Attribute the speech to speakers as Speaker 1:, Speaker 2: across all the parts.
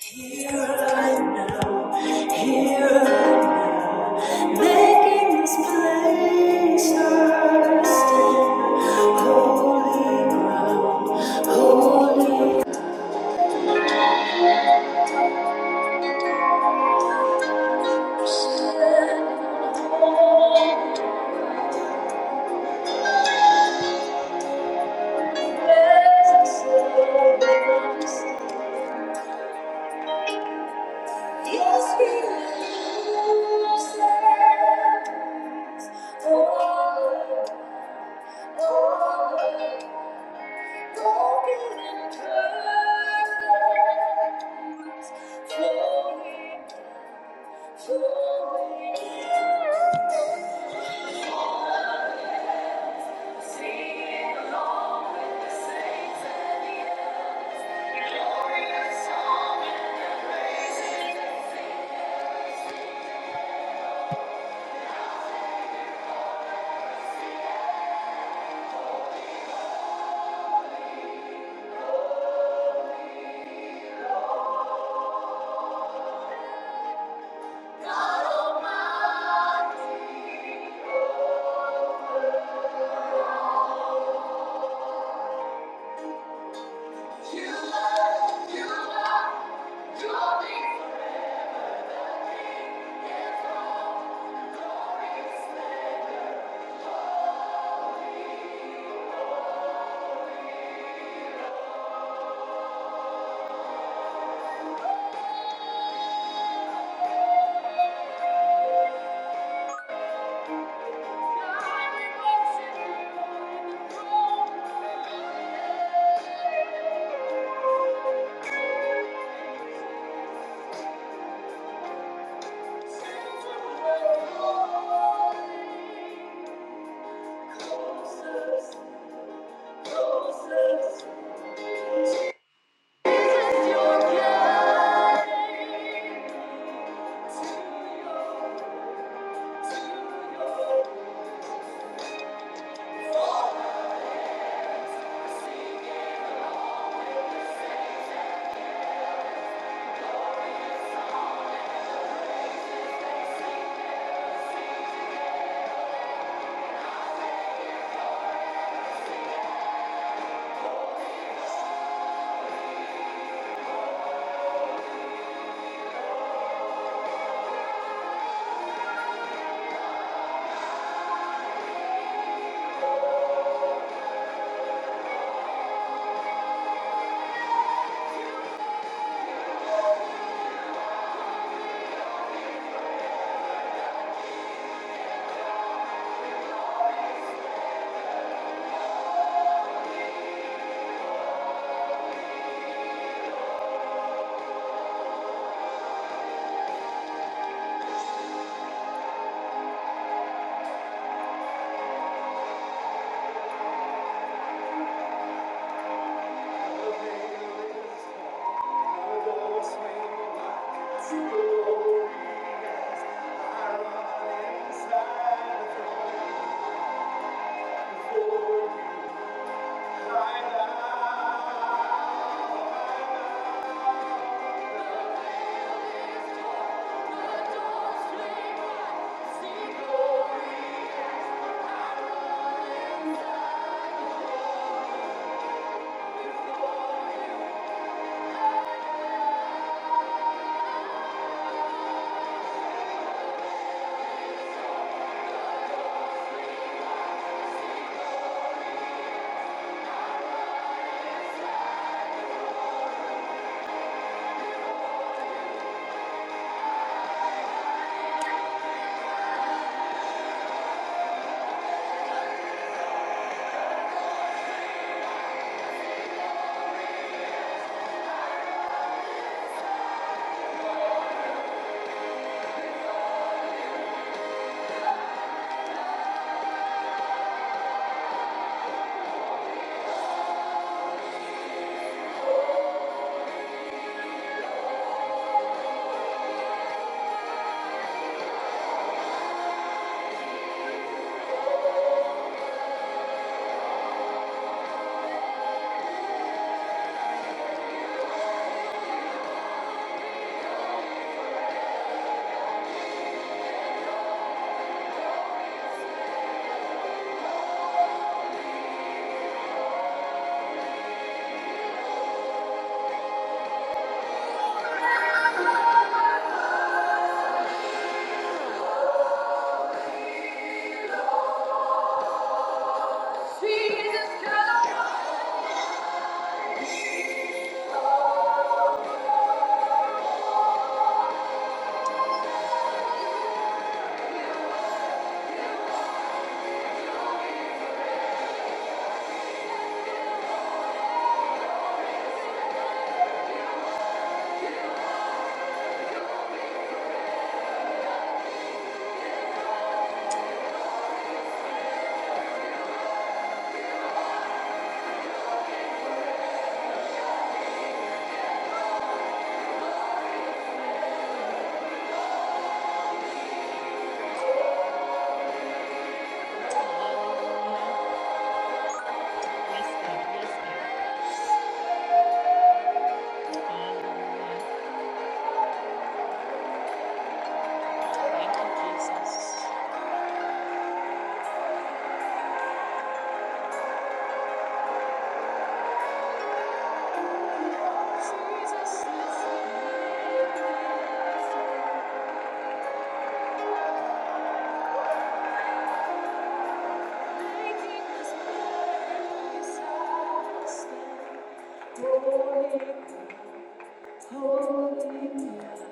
Speaker 1: Here and now, here and now, making this place our stand. Holy ground, holy presence. Lord, we stand. Yes, we stand. Oh, oh. Closest, closest, Jesus, your name. Holy, holy, holy.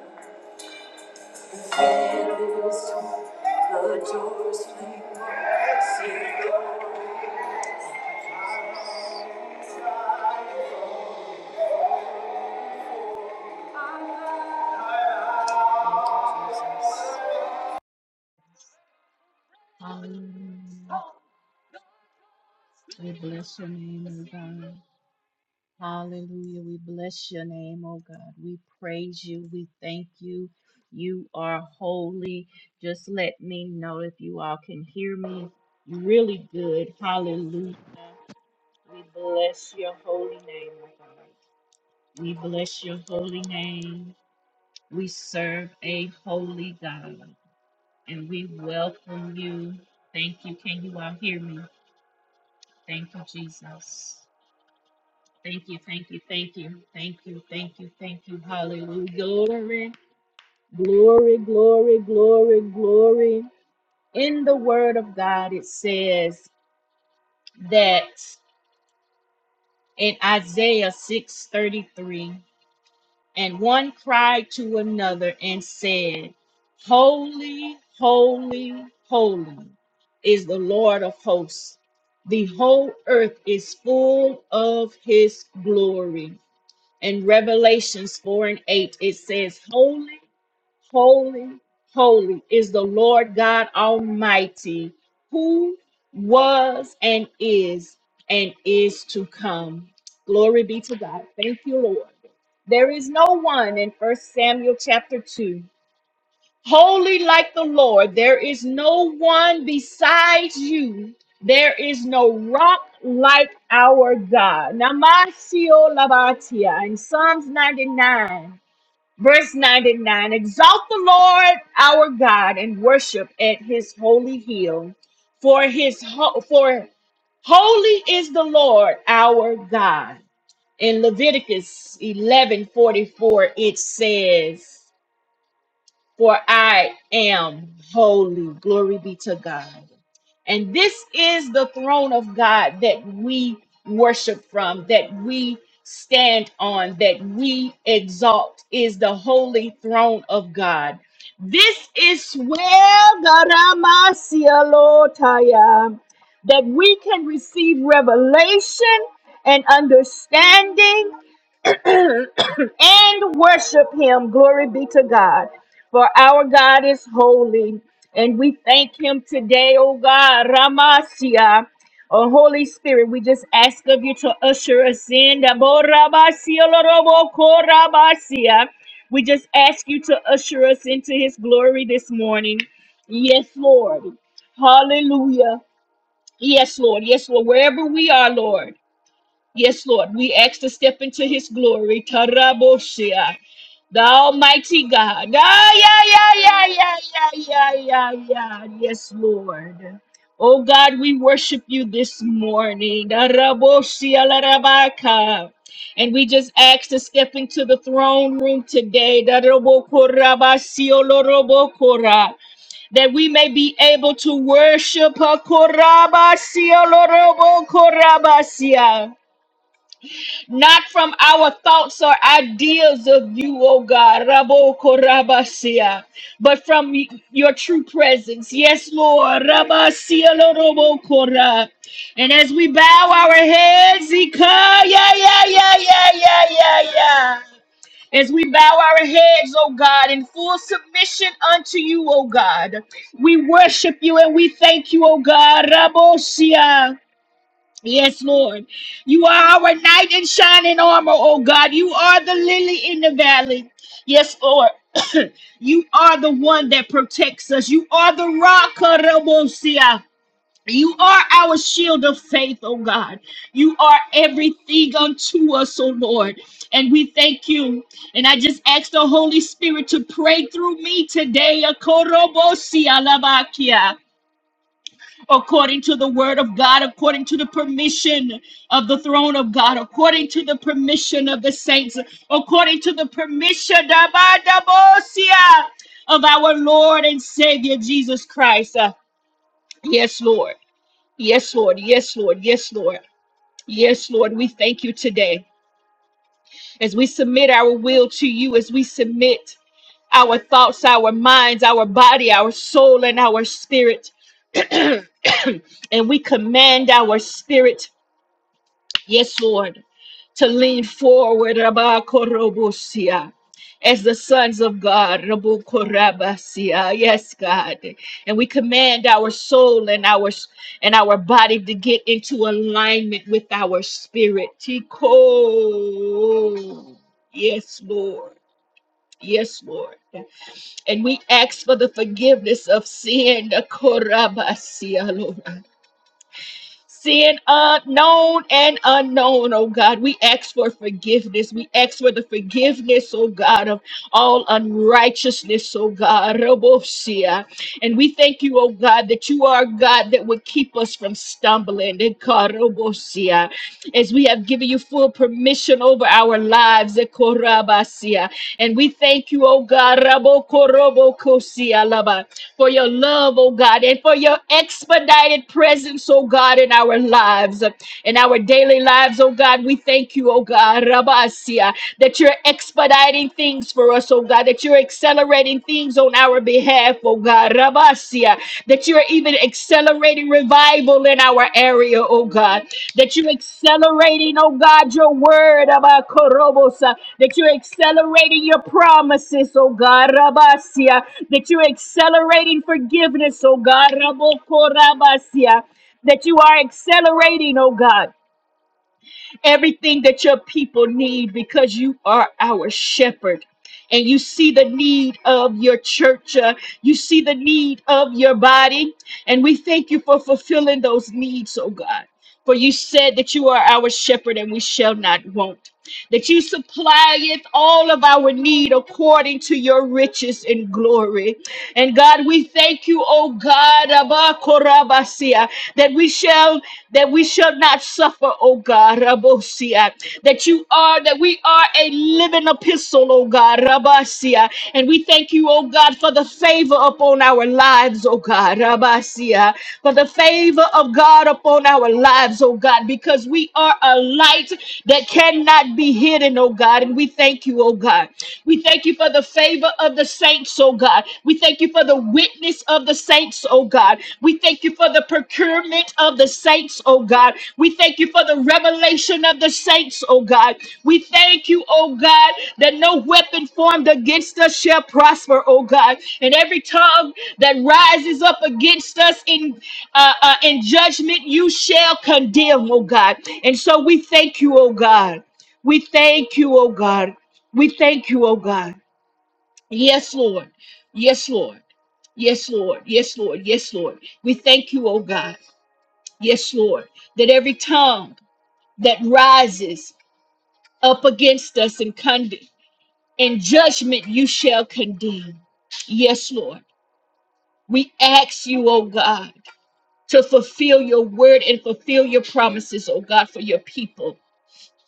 Speaker 1: We bless your name, O God. Hallelujah. We bless your name, O God. We praise you. We thank you. You are holy. Just let me know if you all can hear me You're really good. Hallelujah. We bless your holy name, O God. We bless your holy name. We serve a holy God. and we welcome you. Thank you. Can you all hear me? Thank you, Jesus. Thank you, thank you, thank you, thank you, thank you, thank you. Hallelujah. Glory, glory, glory, glory, glory. In the word of God, it says that in Isaiah 6:33. And one cried to another and said, Holy, holy, holy is the Lord of hosts. The whole earth is full of his glory. In Revelations 4 and 8, it says, Holy. Holy, holy is the Lord God Almighty, who was and is and is to come. Glory be to God. Thank you, Lord. There is no one in First Samuel chapter 2. Holy like the Lord, there is no one besides you. There is no rock like our God. Namasio Labatia in Psalms 99. Verse 99 Exalt the Lord our God and worship at his holy hill, for his ho- for holy is the Lord our God. In Leviticus 11:44 it says for I am holy. Glory be to God. And this is the throne of God that we worship from, that we stand on, that we exalt, is the holy throne of God. This is where Garamasialotaya, that we can receive revelation and understanding and worship him. Glory be to God. For our God is holy. And we thank him today, oh God, Ramasia. Oh, Holy Spirit, we just ask of you to usher us in. Daborabasia, lorobokorabasia. We just ask you to usher us into his glory this morning. Yes, Lord. Hallelujah. Yes, Lord. Yes, Lord. Wherever we are, Lord. Yes, Lord. We ask to step into his glory. Taraboshia. The Almighty God. Ah, yeah, yeah, yeah, yeah, yeah, yeah, yeah. yeah. Yes, Lord. Oh God, we worship you this morning. Daraboshia larabaka. And we just ask to step into the throne room today. Darabokorabasio lorobokora. That we may be able to worship. Hakorabasio lorobokorabasia not from our thoughts or ideas of you, O God, Rabo Korabasia, but from y- your true presence. Yes, Lord, Rabasia Lorobo Kora. And as we bow our heads, Ika, yeah, yeah, yeah, yeah, yeah, yeah, yeah. As we bow our heads, O God, in full submission unto you, O God, we worship you and we thank you, O God, Rabosia. Yes, Lord. You are our knight in shining armor, oh God. You are the lily in the valley. Yes, Lord. you are the one that protects us. You are the rock. Karabosia. You are our shield of faith, oh God. You are everything unto us, oh Lord. And we thank you. And I just ask the Holy Spirit to pray through me today. Korobosia labakia according to the word of God, according to the permission of the throne of God, according to the permission of the saints, according to the permission Dabadabosia, of our Lord and Savior Jesus Christ. Uh, Yes, Lord. Yes, Lord. Yes, Lord. Yes, Lord. Yes, Lord. We thank you today as we submit our will to you, as we submit our thoughts, our minds, our body, our soul, and our spirit. and we command our spirit, yes, Lord, to lean forward Rabakorobosia, as the sons of God. Rabokorabasia. Yes, God. And we command our soul and our and our body to get into alignment with our spirit. Tiko. Yes, Lord. Yes, Lord. And we ask for the forgiveness of sin, the Korabasia, Lord. Sin unknown and unknown, oh God. We ask for forgiveness. We ask for the forgiveness, oh God, of all unrighteousness, oh God. Robosia. And we thank you, oh God, that you are a God that would keep us from stumbling. And Karobosia as we have given you full permission over our lives. eh, Korabasia. And we thank you, oh God, Rabo Korobo Kosia Laba, for your love, oh God, and for your expedited presence, oh God, in our lives, in our daily lives, oh God. We thank you, oh God, Rabasia, that you're expediting things for us, oh God, that you're accelerating things, moves on our behalf, oh God. Rabasia, that you are even accelerating revival in our area, oh God. That you're accelerating, oh God, your word about Korobosa. That you're accelerating your promises, oh God. Rabasia, that you're accelerating forgiveness, oh God. Raboko Rabasia, that you are accelerating, oh God everything that your people need because you are our shepherd. And you see the need of your church. uh, you see the need of your body. And we thank you for fulfilling those needs, oh God. For you said that you are our shepherd and we shall not want. That you supplieth all of our need according to your riches and glory. And God, we thank you, oh God, Abba Korabasia, that we shall that we shall not not suffer, oh God, Rabosia, that you are, that we are a living epistle, oh God, Rabasia. And we thank you, oh God, for the favor upon our lives, oh God, Rabasia, for the favor of God upon our lives, oh God, because we are a light that cannot be hidden, oh God. And we thank you, oh God. We thank you for the favor of the saints, oh God. We thank you for the witness of the saints, oh God. We thank you for the procurement of the saints, oh God. We thank you for the revelation of the saints, oh God. We thank you, oh God, that no weapon formed against us shall prosper, oh God. And every tongue that rises up against us in uh, uh, in judgment, you shall condemn, oh God. And so we thank you, oh God. We thank you, oh God. We thank you, oh God. Yes, Lord. Yes, Lord. Yes, Lord. Yes, Lord. Yes, Lord. We thank you, oh God. Yes, Lord, that every tongue that rises up against us in, cond- in judgment you shall condemn. Yes, Lord. We ask you, oh God, to fulfill your word and fulfill your promises, oh God, for your people.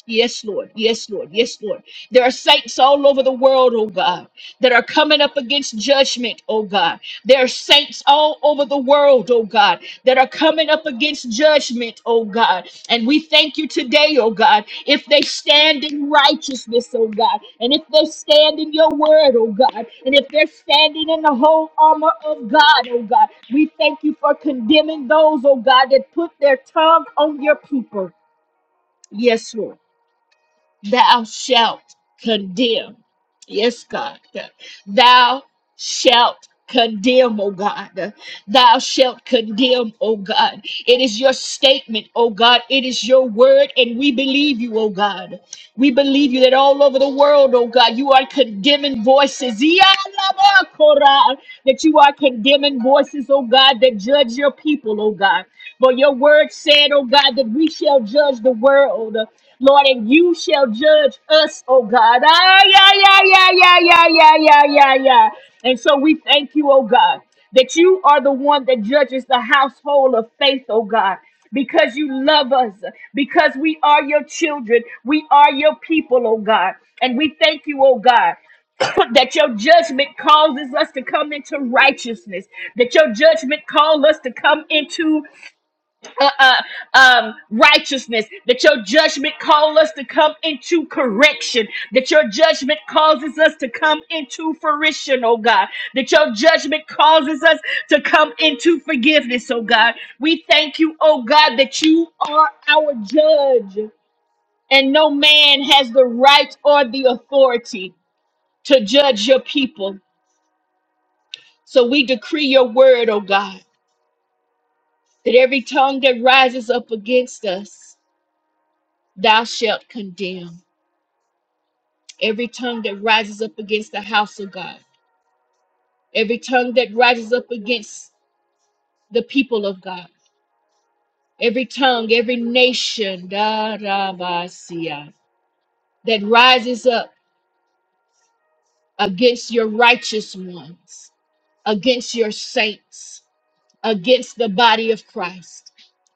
Speaker 1: Yes, Lord. Yes, Lord. Yes, Lord. There are saints all over the world, oh God, that are coming up against judgment, oh God. There are saints all over the world, oh God, that are coming up against judgment, oh God. And we thank you today, oh God, if they stand in righteousness, oh God, and if they stand in your word, oh God, and if they're standing in the whole armor of God, oh God, we thank you for condemning those, oh God, that put their tongue on your people. Yes, Lord thou shalt condemn. Yes, God. Thou shalt condemn, oh God thou shalt condemn, O God. It is your statement, O God. It is your word, and we believe you, O God. We believe you that all over the world, oh God, you are condemning voices. Yalabakora, That you are condemning voices, oh God, that judge your people, oh God. For your word said, oh God, that we shall judge the world, Lord, and you shall judge us, oh God. Ah, yeah, yeah, yeah, yeah, yeah, yeah, yeah, yeah, yeah. And so we thank you, oh God that you are the one that judges the household of faith, oh God. Because you love us, because we are your children, we are your people, oh God. And we thank you, oh God, that your judgment causes us to come into righteousness, that your judgment calls us to come into uh, uh, um, righteousness, that your judgment call us to come into correction, that your judgment causes us to come into fruition, oh God, that your judgment causes us to come into forgiveness, oh God. We thank you, oh God, that you are our judge, and no man has the right or the authority to judge your people. So we decree your word, oh God, that every tongue that rises up against us, thou shalt condemn. every tongue that rises up against the house of God, every tongue that rises up against the people of God, every tongue, every nation da, da, ba, sia, that rises up against your righteous ones, against your saints, against the body of Christ,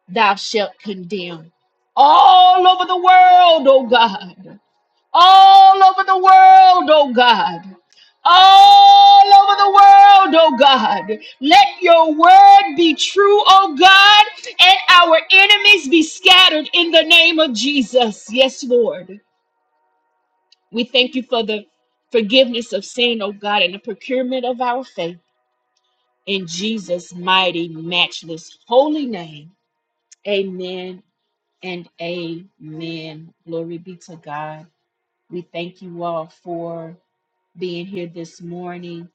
Speaker 1: thou shalt condemn. All over the world, O God. all over the world, oh God. All over the world, oh God. Let your word be true, oh God, and our enemies be scattered in the name of Jesus. Yes, Lord. We thank you for the forgiveness of sin, oh God, and the procurement of our faith. In Jesus' mighty, matchless, holy name. Amen and amen. Glory be to God. We thank you all for being here this morning.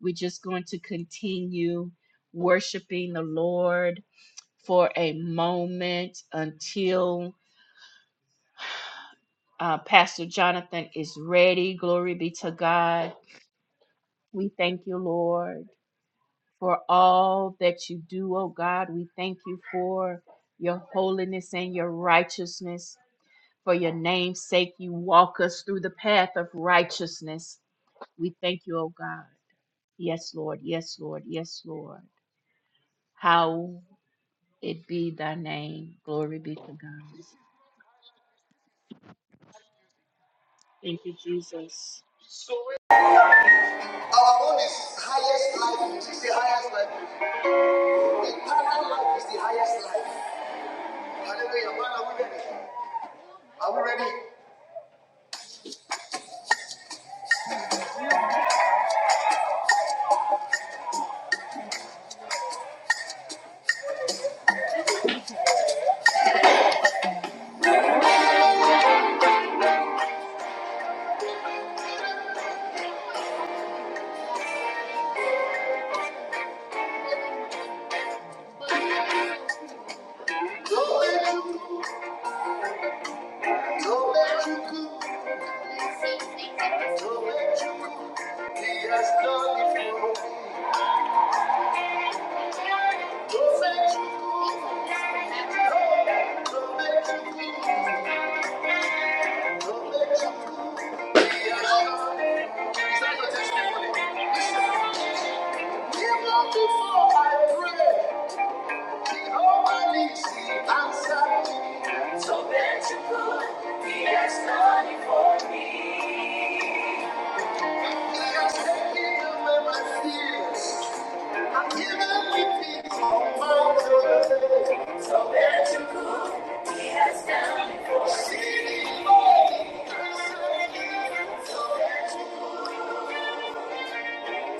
Speaker 1: We're just going to continue worshiping the Lord for a moment until uh, Pastor Jonathan is ready. Glory be to God. We thank you, Lord, for all that you do, oh God. We thank you for your holiness and your righteousness. For your name's sake, you walk us through the path of righteousness. We thank you, oh God. Yes, Lord. Yes, Lord. Yes, Lord. how it be thy name. Glory be to God. Our own is highest life. It is the highest life. Eternal life is the highest life. Hallelujah. Man, are we ready? Are we ready? Glory to- glory to God. Glory to God. He has done it for me. Glory to God. Glory to God. He has done it. Is that your testimony? Listen. Even before I pray. All my needs So bend he has done it for me. He has taken away my fears. And given me peace on my journey. So bend he has done it for me. See the Lord,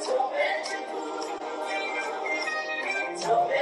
Speaker 1: So bend so bend so bend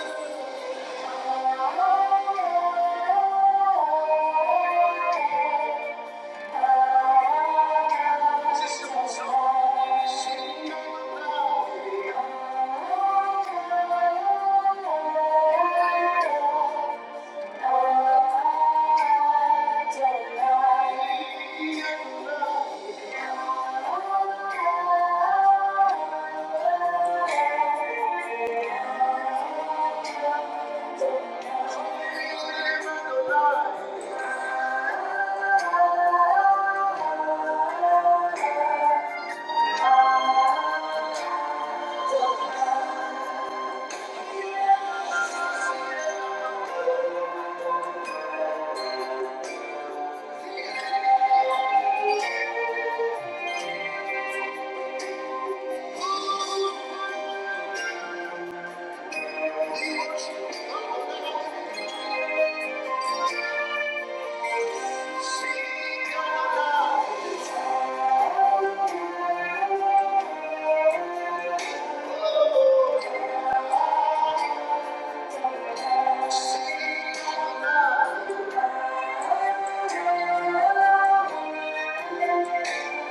Speaker 1: Thank you. Thank you. Thank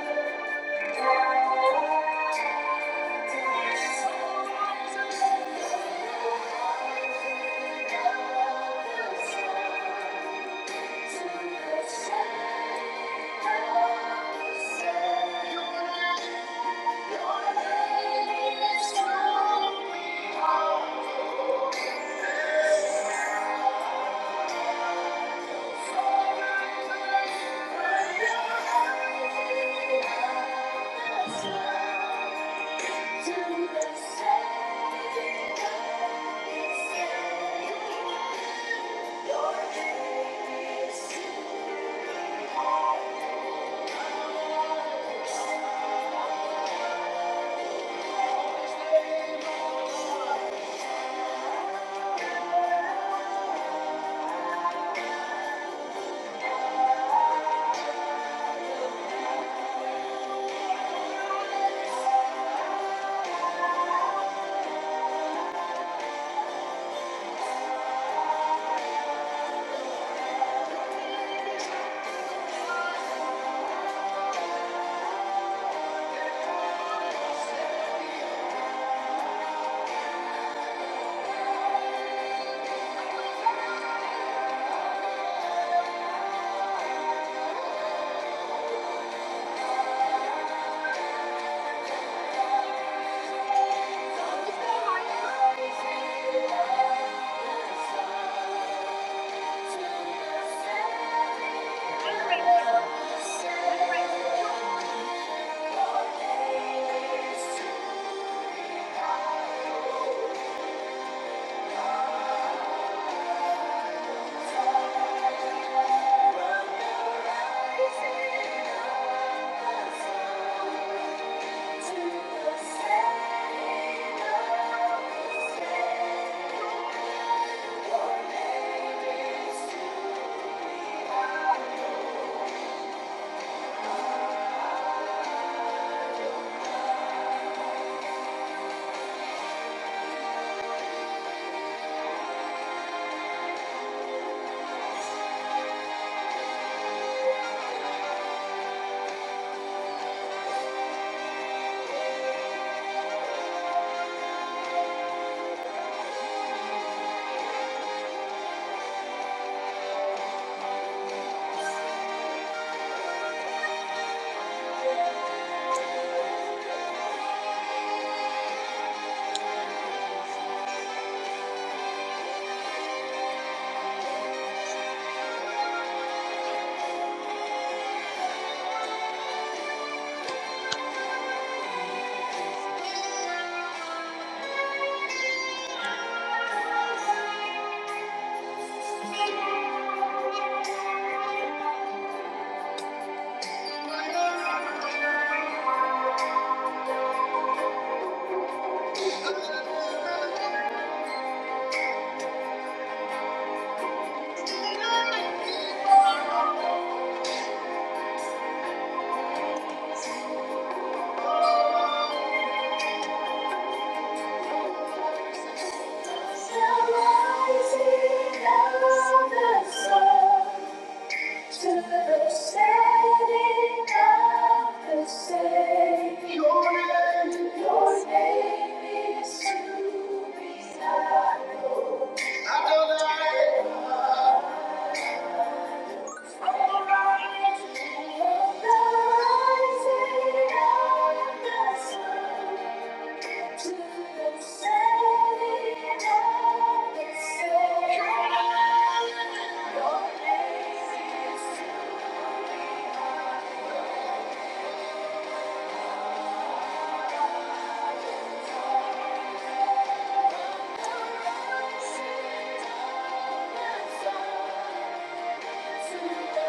Speaker 1: you. Thank you. Thank you. Thank you. Your name is to be known. Thank you. Thank you.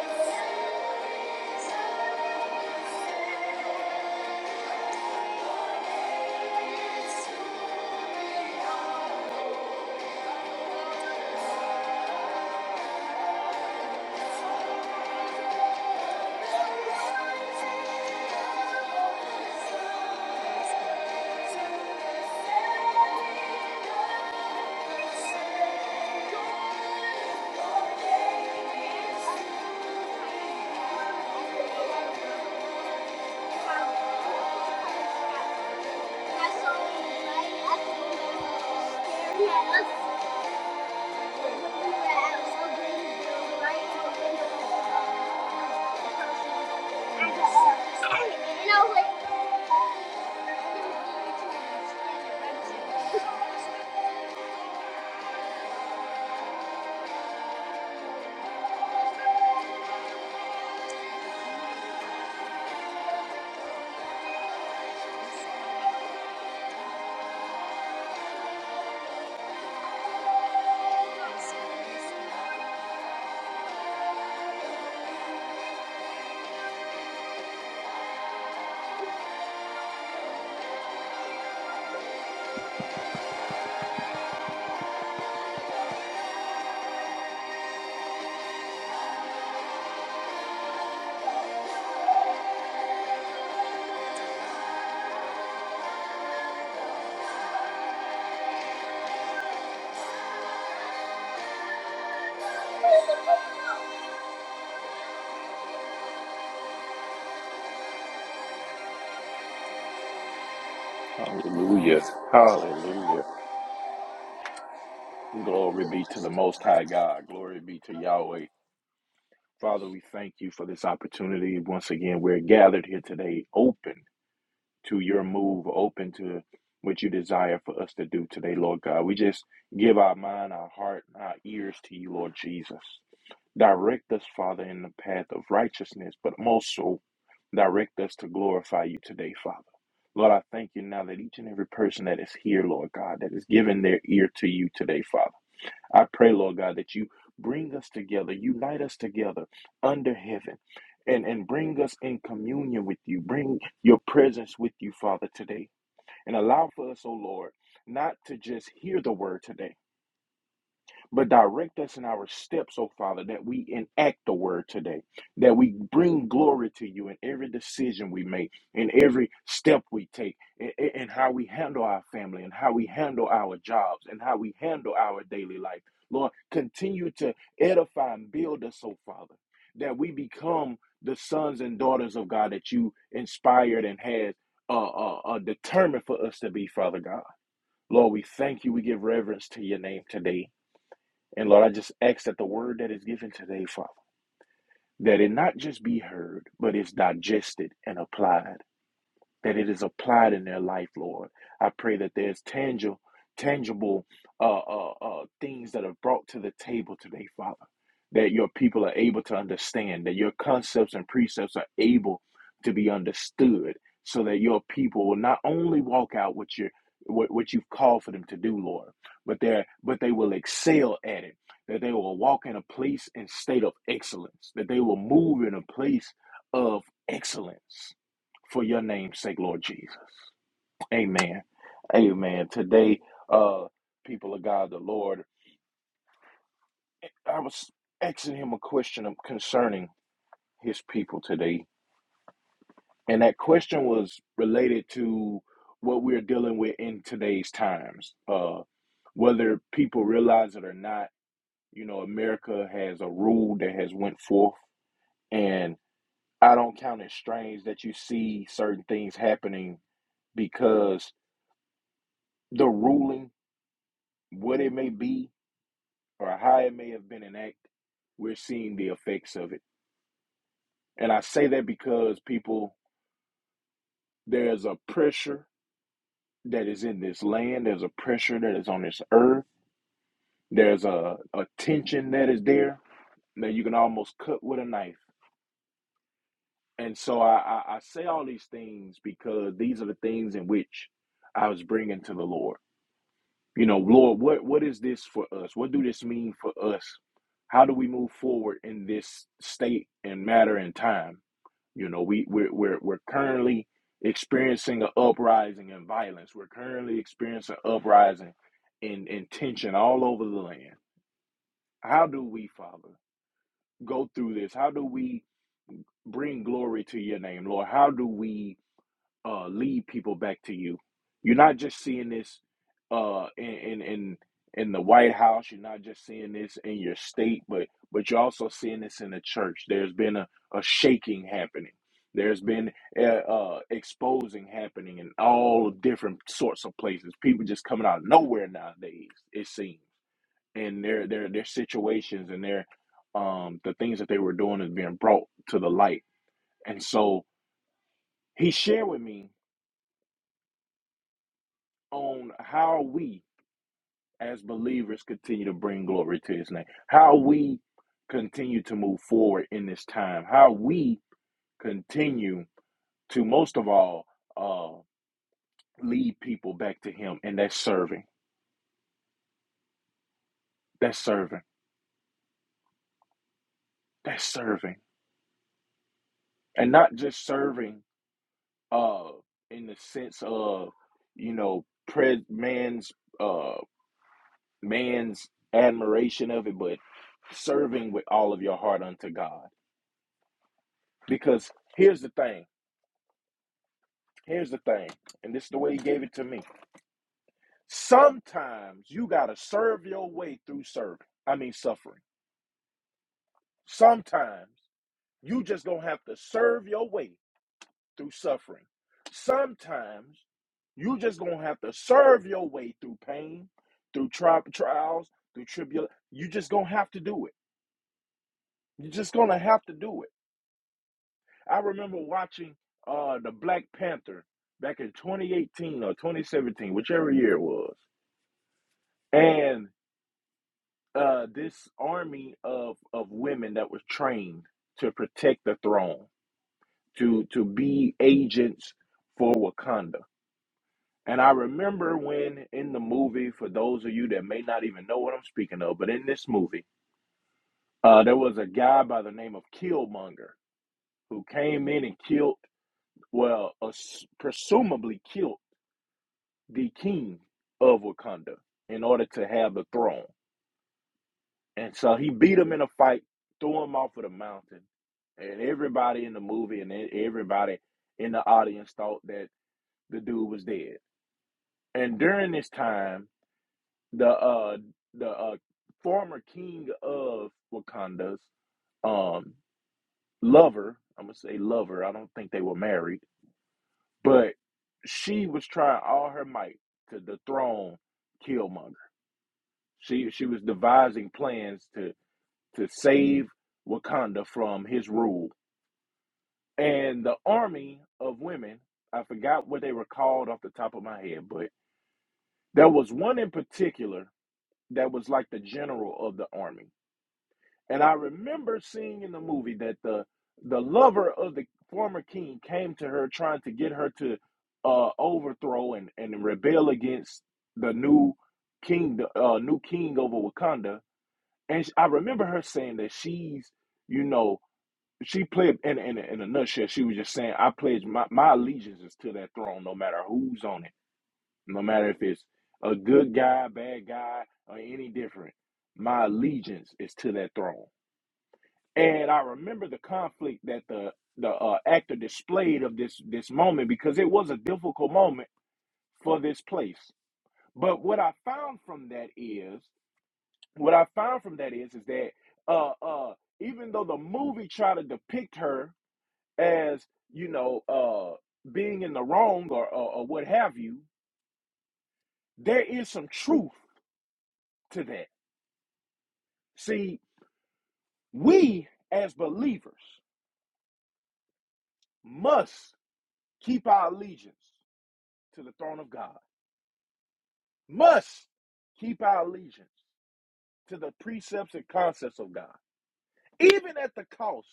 Speaker 1: Thank you.
Speaker 2: Hallelujah. Hallelujah. Glory be to the Most High God. Glory be to Yahweh. Father, we thank you for this opportunity. Once again, we're gathered here today, open to your move, open to what you desire for us to do today, Lord God. We just give our mind, our heart, and our ears to you, Lord Jesus. Direct us, Father, in the path of righteousness, but most so Direct us to glorify you today, Father. Lord, I thank you now that each and every person that is here, Lord God, that is giving their ear to you today, Father. I pray, Lord God, that you bring us together, unite us together under heaven, and, and bring us in communion with you. Bring your presence with you, Father, today. And allow for us, oh Lord, not to just hear the word today but direct us in our steps, oh Father, that we enact the word today, that we bring glory to you in every decision we make, in every step we take, in, in how we handle our family, and how we handle our jobs, and how we handle our daily life. Lord, continue to edify and build us, oh Father, that we become the sons and daughters of God that you inspired and has uh, uh, uh, determined for us to be, Father God. Lord, we thank you. We give reverence to your name today. And Lord, I just ask that the word that is given today, Father, that it not just be heard, but it's digested and applied that it is applied in their life, Lord. I pray that there's tangible, tangible uh, uh, uh, things that are brought to the table today, Father, that your people are able to understand, that your concepts and precepts are able to be understood, so that your people will not only walk out what you what, what you've called for them to do, Lord, but they are but they will excel at it. That they will walk in a place and state of excellence. That they will move in a place of excellence for your name's sake, Lord Jesus. Amen. Amen. Today, uh, people of God, the Lord, I was asking him a question concerning his people today. And that question was related to what we're dealing with in today's times. Uh, whether people realize it or not, you know, America has a rule that has went forth. And I don't count it strange that you see certain things happening because the ruling what it may be or how it may have been enacted, we're seeing the effects of it. And I say that because people, there's a pressure that is in this land, there's a pressure that is on this earth, there's a, a tension that is there that you can almost cut with a knife. And so I, I, I say all these things because these are the things in which I was bringing to the Lord. you know, Lord, what what is this for us? What do this mean for us? How do we move forward in this state and matter and time? You know, we we're we're, we're currently experiencing an uprising in violence. We're currently experiencing an uprising in, in tension all over the land. How do we, Father, go through this? How do we bring glory to your name, Lord? How do we uh, lead people back to you. You're not just seeing this uh, in, in in in the White House. You're not just seeing this in your state, but but you're also seeing this in the church. There's been a, a shaking happening. There's been uh, uh, exposing happening in all different sorts of places. People just coming out of nowhere nowadays. It seems, and their their their situations and their um, the things that they were doing is being brought to the light. And so he shared with me on how we as believers continue to bring glory to his name how we continue to move forward in this time how we continue to most of all uh lead people back to him and that's serving that's serving that's serving and not just serving uh in the sense of you know pre- man's uh man's admiration of it but serving with all of your heart unto god because here's the thing Here's the thing, and this is the way he gave it to me. Sometimes you gotta serve your way through serving. I mean suffering. Sometimes you just gonna have to serve your way through suffering. Sometimes you just gonna have to serve your way through pain, through tri- trials, through tribulation. You just gonna have to do it. You're just gonna have to do it. I remember watching uh the Black Panther back in 2018 or 2017, whichever year it was, and uh, this army of of women that was trained to protect the throne, to to be agents for Wakanda. And I remember when in the movie, for those of you that may not even know what I'm speaking of, but in this movie, uh, there was a guy by the name of Killmonger who came in and killed, well, uh, presumably killed the king of Wakanda in order to have the throne. And so he beat him in a fight, threw him off of the mountain. And everybody in the movie and e- everybody in the audience thought that the dude was dead. And during this time, the uh the uh former king of Wakanda's um lover, I'm gonna say lover, I don't think they were married, but she was trying all her might to dethrone Killmonger. She she was devising plans to to save Wakanda from his rule and the army of women i forgot what they were called off the top of my head but there was one in particular that was like the general of the army and i remember seeing in the movie that the the lover of the former king came to her trying to get her to uh overthrow and and rebel against the new king the uh, new king over wakanda and i remember her saying that she's you know she played in, in in a nutshell. She was just saying, "I pledge my my allegiance is to that throne, no matter who's on it, no matter if it's a good guy, bad guy, or any different. My allegiance is to that throne." And I remember the conflict that the the uh, actor displayed of this this moment because it was a difficult moment for this place. But what I found from that is, what I found from that is, is that uh uh even though the movie tried to depict her as you know uh being in the wrong or, or or what have you there is some truth to that see we as believers must keep our allegiance to the throne of god must keep our allegiance to the precepts and concepts of god even at the cost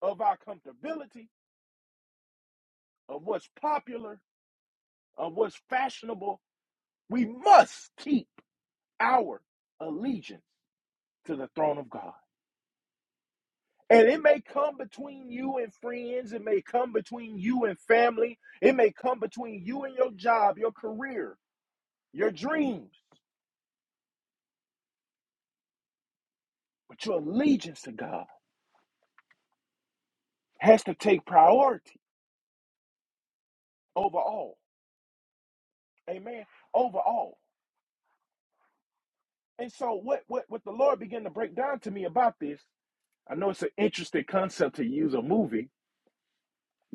Speaker 2: of our comfortability of what's popular of what's fashionable we must keep our allegiance to the throne of god And it may come between you and friends. It may come between you and family. It may come between you and your job, your career, your dreams. But your allegiance to God has to take priority over all. Amen. Over all. And so what what what the Lord began to break down to me about this, I know it's an interesting concept to use a movie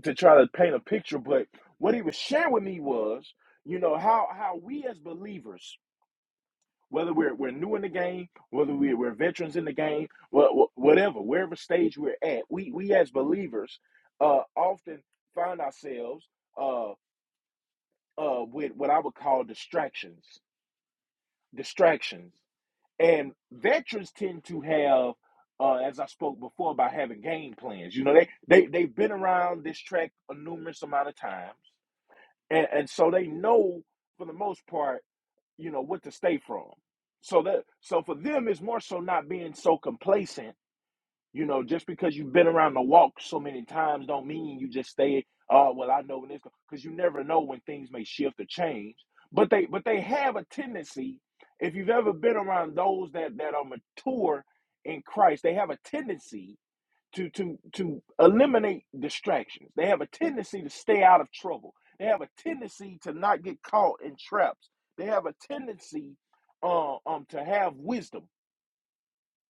Speaker 2: to try to paint a picture, but what he was sharing with me was, you know, how how we as believers whether we're, we're new in the game, whether we, we're veterans in the game, whatever, wherever stage we're at, we, we as believers uh, often find ourselves uh, uh, with what I would call distractions. Distractions. And veterans tend to have, uh, as I spoke before, about having game plans. You know, they, they, they've been around this track a numerous amount of times. And, and so they know, for the most part, you know what to stay from so that so for them it's more so not being so complacent you know just because you've been around the walk so many times don't mean you just stay oh well i know when it's because you never know when things may shift or change but they but they have a tendency if you've ever been around those that that are mature in christ they have a tendency to to to eliminate distractions. They have a tendency to stay out of trouble. They have a tendency to not get caught in traps. They have a tendency uh, um to have wisdom,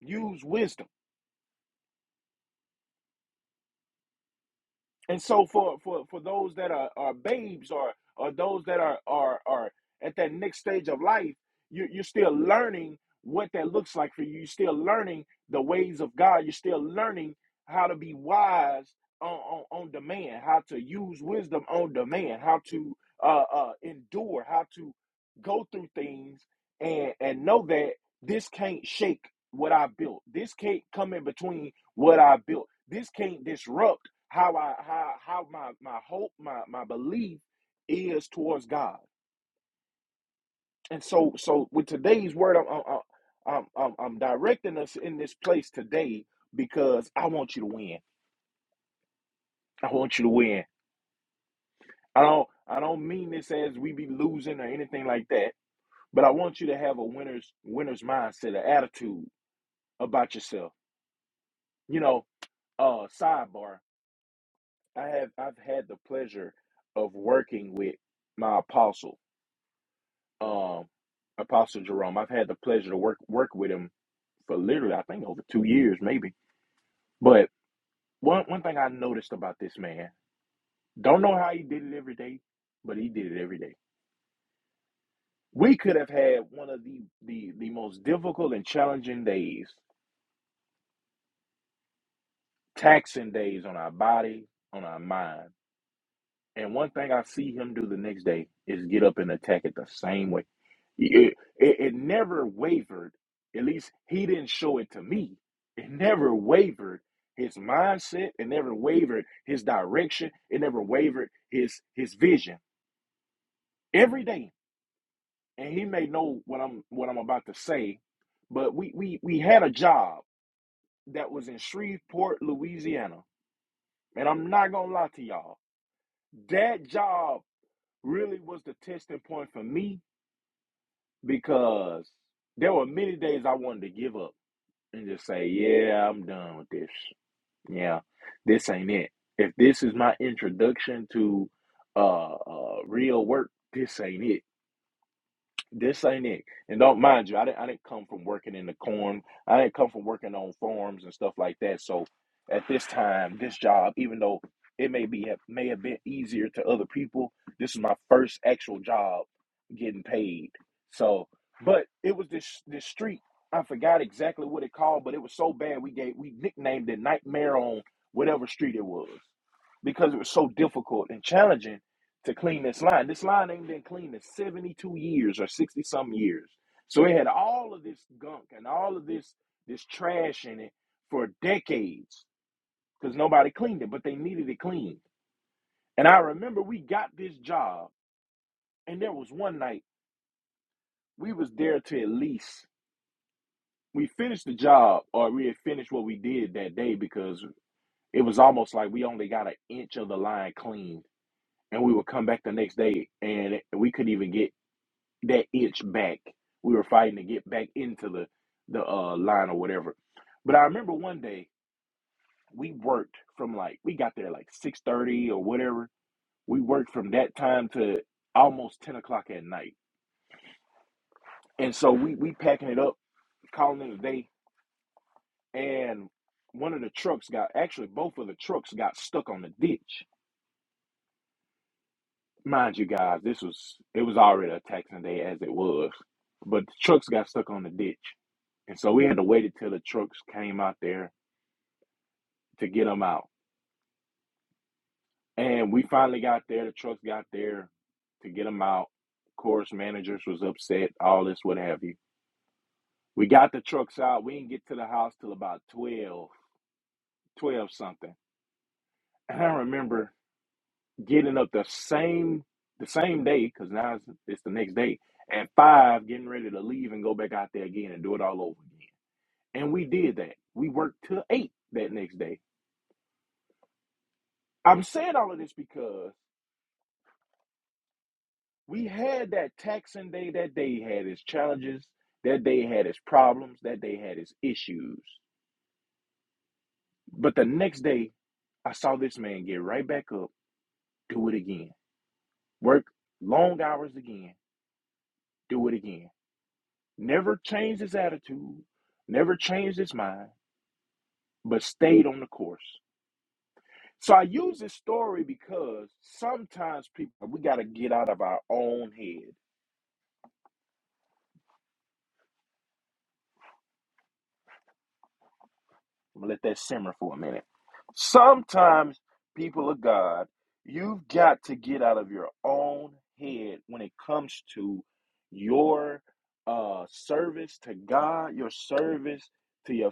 Speaker 2: use wisdom And so for for for those that are, are babes or or those that are are are at that next stage of life, you you're still learning what that looks like for you. You're still learning the ways of God. You're still learning how to be wise on on, on demand, how to use wisdom on demand, how to uh, uh, endure, how to go through things and and know that this can't shake what I built. This can't come in between what I built. This can't disrupt how I how how my my hope my my belief is towards God. And so so with today's word, I'm I'm I'm, I'm I'm directing us in this place today because I want you to win. I want you to win. I don't I don't mean this as we be losing or anything like that, but I want you to have a winner's winner's mindset, an attitude about yourself. You know, uh sidebar. I have I've had the pleasure of working with my apostle um, Apostle Jerome. I've had the pleasure to work work with him for literally, I think, over two years, maybe. But one one thing I noticed about this man, don't know how he did it every day, but he did it every day. We could have had one of the the the most difficult and challenging days, taxing days on our body, on our mind. And one thing I see him do the next day is get up and attack it the same way. It, it, it never wavered. At least he didn't show it to me. It never wavered his mindset. It never wavered his direction. It never wavered his his vision. Every day. And he may know what I'm what I'm about to say, but we we we had a job that was in Shreveport, Louisiana. And I'm not gonna lie to y'all. That job really was the testing point for me because there were many days I wanted to give up and just say, yeah, I'm done with this. Yeah, this ain't it. If this is my introduction to uh, uh real work, this ain't it this ain't it. And don't mind you, I didn't I didn't come from working in the corn. I didn't come from working on farms and stuff like that. So at this time, this job, even though it may be may have been easier to other people, this is my first actual job getting paid. So but it was this this street. I forgot exactly what it called, but it was so bad we gave we nicknamed it Nightmare on whatever street it was because it was so difficult and challenging to clean this line. This line ain't been cleaned in 72 years or 60 some years. So it had all of this gunk and all of this this trash in it for decades because nobody cleaned it, but they needed it cleaned. And I remember we got this job, and there was one night we was there to at least we finished the job or we had finished what we did that day because it was almost like we only got an inch of the line cleaned. And we would come back the next day and we couldn't even get that itch back. We were fighting to get back into the the uh, line or whatever. But I remember one day we worked from like we got there like six thirty or whatever. We worked from that time to almost ten o'clock at night, and so we we packing it up, calling it a day. And one of the trucks got actually both of the trucks got stuck on the ditch. Mind you, guys, this was it was already a taxing day as it was, but the trucks got stuck on the ditch, and so we had to wait until the trucks came out there to get them out. And we finally got there. The trucks got there to get them out. Of course, managers was upset, all this, what have you. We got the trucks out. We didn't get to the house till about 12, 12 something. And I remember getting up the same the same day, because now it's, it's the next day, at five, getting ready to leave and go back out there again and do it all over again. And we did that. We worked till eight that next day. I'm saying all of this because We had that taxing day. That day had its challenges. That day had its problems. That day had its issues. But the next day, I saw this man get right back up, do it again. Work long hours again, do it again. Never changed his attitude, never changed his mind, but stayed on the course. So I use this story because sometimes people, we got to get out of our own head. I'm gonna let that simmer for a minute. Sometimes, people of God, you've got to get out of your own head when it comes to your uh service to God, your service to your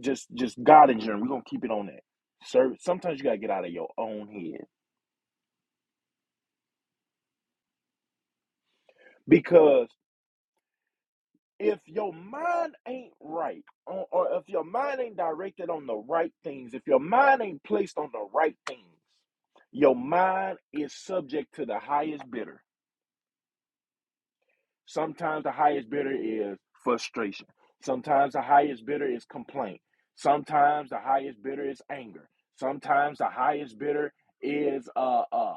Speaker 2: just just God in general. We're gonna keep it on that. Service. Sometimes you gotta get out of your own head because if your mind ain't right or, or if your mind ain't directed on the right things if your mind ain't placed on the right things your mind is subject to the highest bidder Sometimes the highest bidder is frustration. Sometimes the highest bidder is complaint. Sometimes the highest bidder is anger. Sometimes the highest bidder is uh, uh,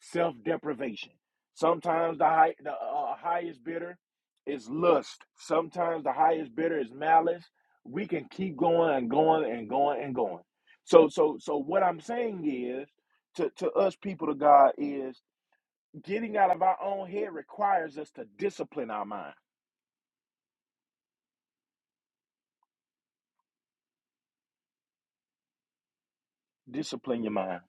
Speaker 2: self deprivation. Sometimes the, high, the uh, uh, highest bidder is lust. Sometimes the highest bidder is malice. We can keep going and going and going and going. So so so what I'm saying is to, to us people of God is Getting out of our own head requires us to discipline our mind. Discipline your mind.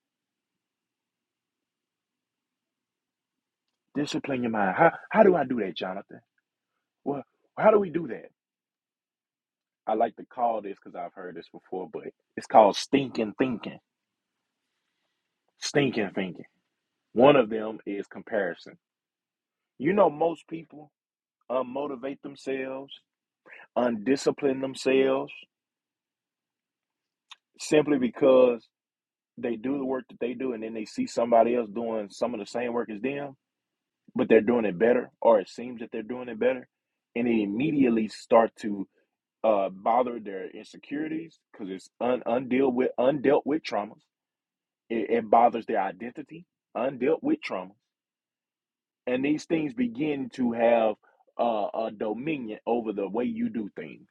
Speaker 2: Discipline your mind. How, how do I do that, Jonathan? Well, how do we do that? I like to call this because I've heard this before, but it's called stinking thinking. Stinking thinking. One of them is comparison. You know, most people unmotivate themselves, undiscipline themselves simply because they do the work that they do and then they see somebody else doing some of the same work as them but they're doing it better, or it seems that they're doing it better, and they immediately start to uh, bother their insecurities because it's un- undealt with undealt with traumas. It, it bothers their identity, undealt with trauma, and these things begin to have uh, a dominion over the way you do things,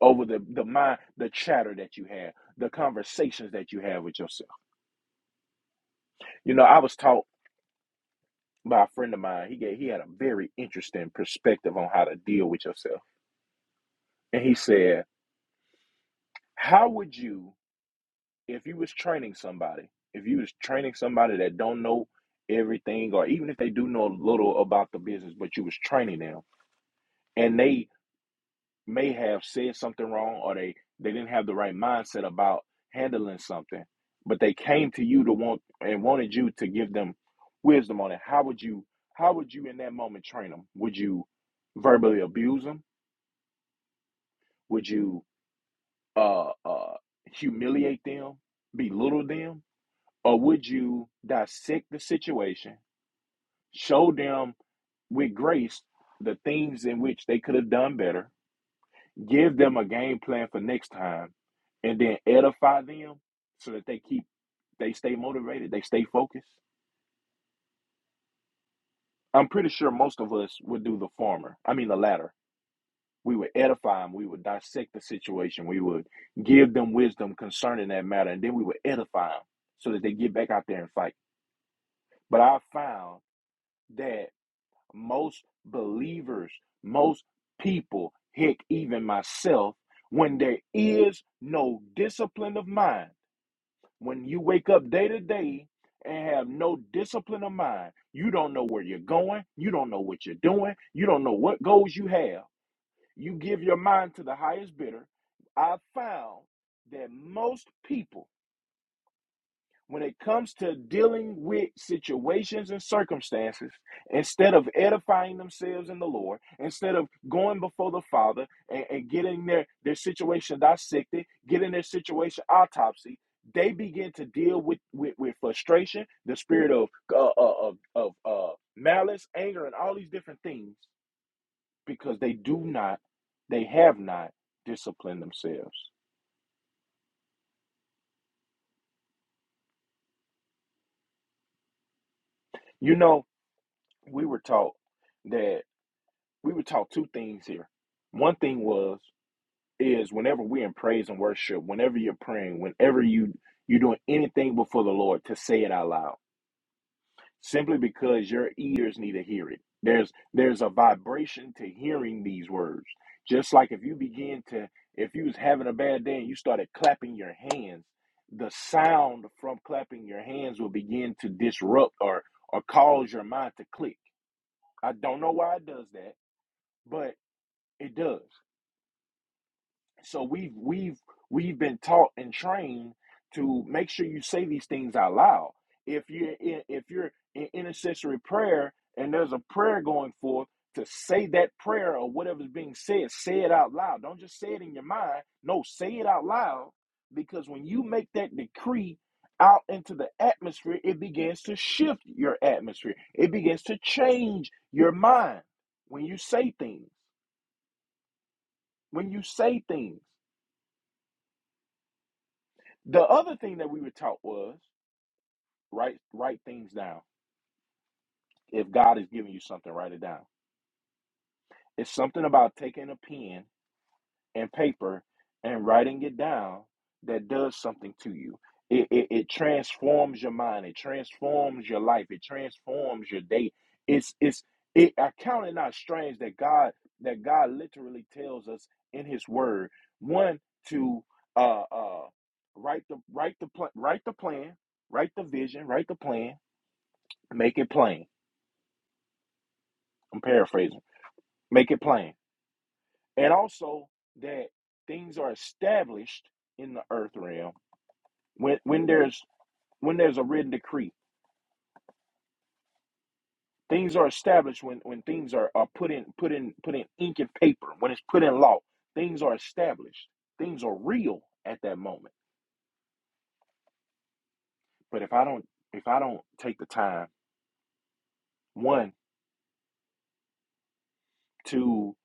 Speaker 2: over the the mind, the chatter that you have, the conversations that you have with yourself. You know, I was taught by a friend of mine. He gave, he had a very interesting perspective on how to deal with yourself, and he said How would you, if you was training somebody, if you was training somebody that don't know everything, or even if they do know a little about the business, but you was training them, and they may have said something wrong, or they they didn't have the right mindset about handling something, but they came to you to want and wanted you to give them wisdom on it. How would you? How would you in that moment train them? Would you verbally abuse them? Would you uh, uh, humiliate them? Belittle them? Or would you dissect the situation, show them with grace the things in which they could have done better, give them a game plan for next time, and then edify them so that they keep they stay motivated, they stay focused? I'm pretty sure most of us would do the former. I mean the latter. We would edify them, we would dissect the situation, we would give them wisdom concerning that matter, and then we would edify them so that they get back out there and fight. But I found that most believers, most people, heck, even myself, when there is no discipline of mind, when you wake up day to day and have no discipline of mind, you don't know where you're going, you don't know what you're doing, you don't know what goals you have. You give your mind to the highest bidder. I found that most people when it comes to dealing with situations and circumstances, instead of edifying themselves in the Lord, instead of going before the Father and, and getting their, their situation dissected, getting their situation autopsy, they begin to deal with, with, with frustration, the spirit of, uh, uh, of, of uh, malice, anger, and all these different things because they do not, they have not disciplined themselves. You know, we were taught that we were taught two things here. One thing was is whenever we're in praise and worship, whenever you're praying, whenever you you're doing anything before the Lord, to say it out loud, simply because your ears need to hear it. There's there's a vibration to hearing these words. Just like if you begin to if you was having a bad day and you started clapping your hands, the sound from clapping your hands will begin to disrupt or or cause your mind to click. I don't know why it does that, but it does. So we've we've we've been taught and trained to make sure you say these things out loud. If you're in, if you're in intercessory prayer and there's a prayer going forth, to say that prayer or whatever's being said, say it out loud. Don't just say it in your mind. No, say it out loud because when you make that decree out into the atmosphere, it begins to shift your atmosphere. It begins to change your mind when you say things. When you say things. The other thing that we were taught was write write things down. If God is giving you something, write it down. It's something about taking a pen and paper and writing it down that does something to you. It, it, it transforms your mind. It transforms your life. It transforms your day. It's it's it. I count it not strange that God that God literally tells us in His Word one to uh uh write the write the pl- write the plan, write the vision, write the plan Make it plain. I'm paraphrasing. Make it plain. And also that things are established in the earth realm when when there's when there's a written decree. Things are established when, when things are, are put in put in put in ink and paper, when it's put in law. Things are established. Things are real at that moment. But if I don't if I don't take the time, one, to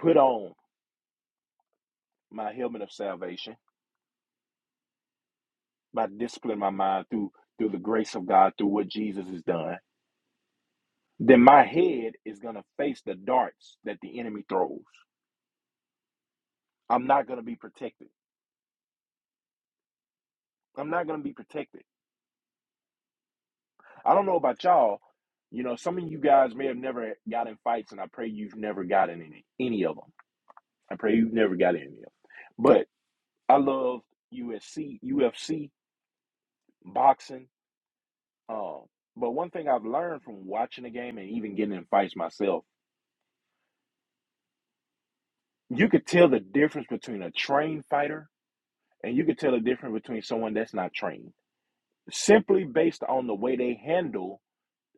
Speaker 2: put on my helmet of salvation, by disciplining my mind through through the grace of God, through what Jesus has done then my head is going to face the darts that the enemy throws. I'm not going to be protected. I'm not going to be protected. I don't know about y'all. You know, some of you guys may have never got in fights, and I pray you've never gotten any any of them. I pray you've never got any of them. But I love USC, UFC, boxing. Um, but one thing I've learned from watching the game and even getting in fights myself, you could tell the difference between a trained fighter and you could tell the difference between someone that's not trained simply based on the way they handle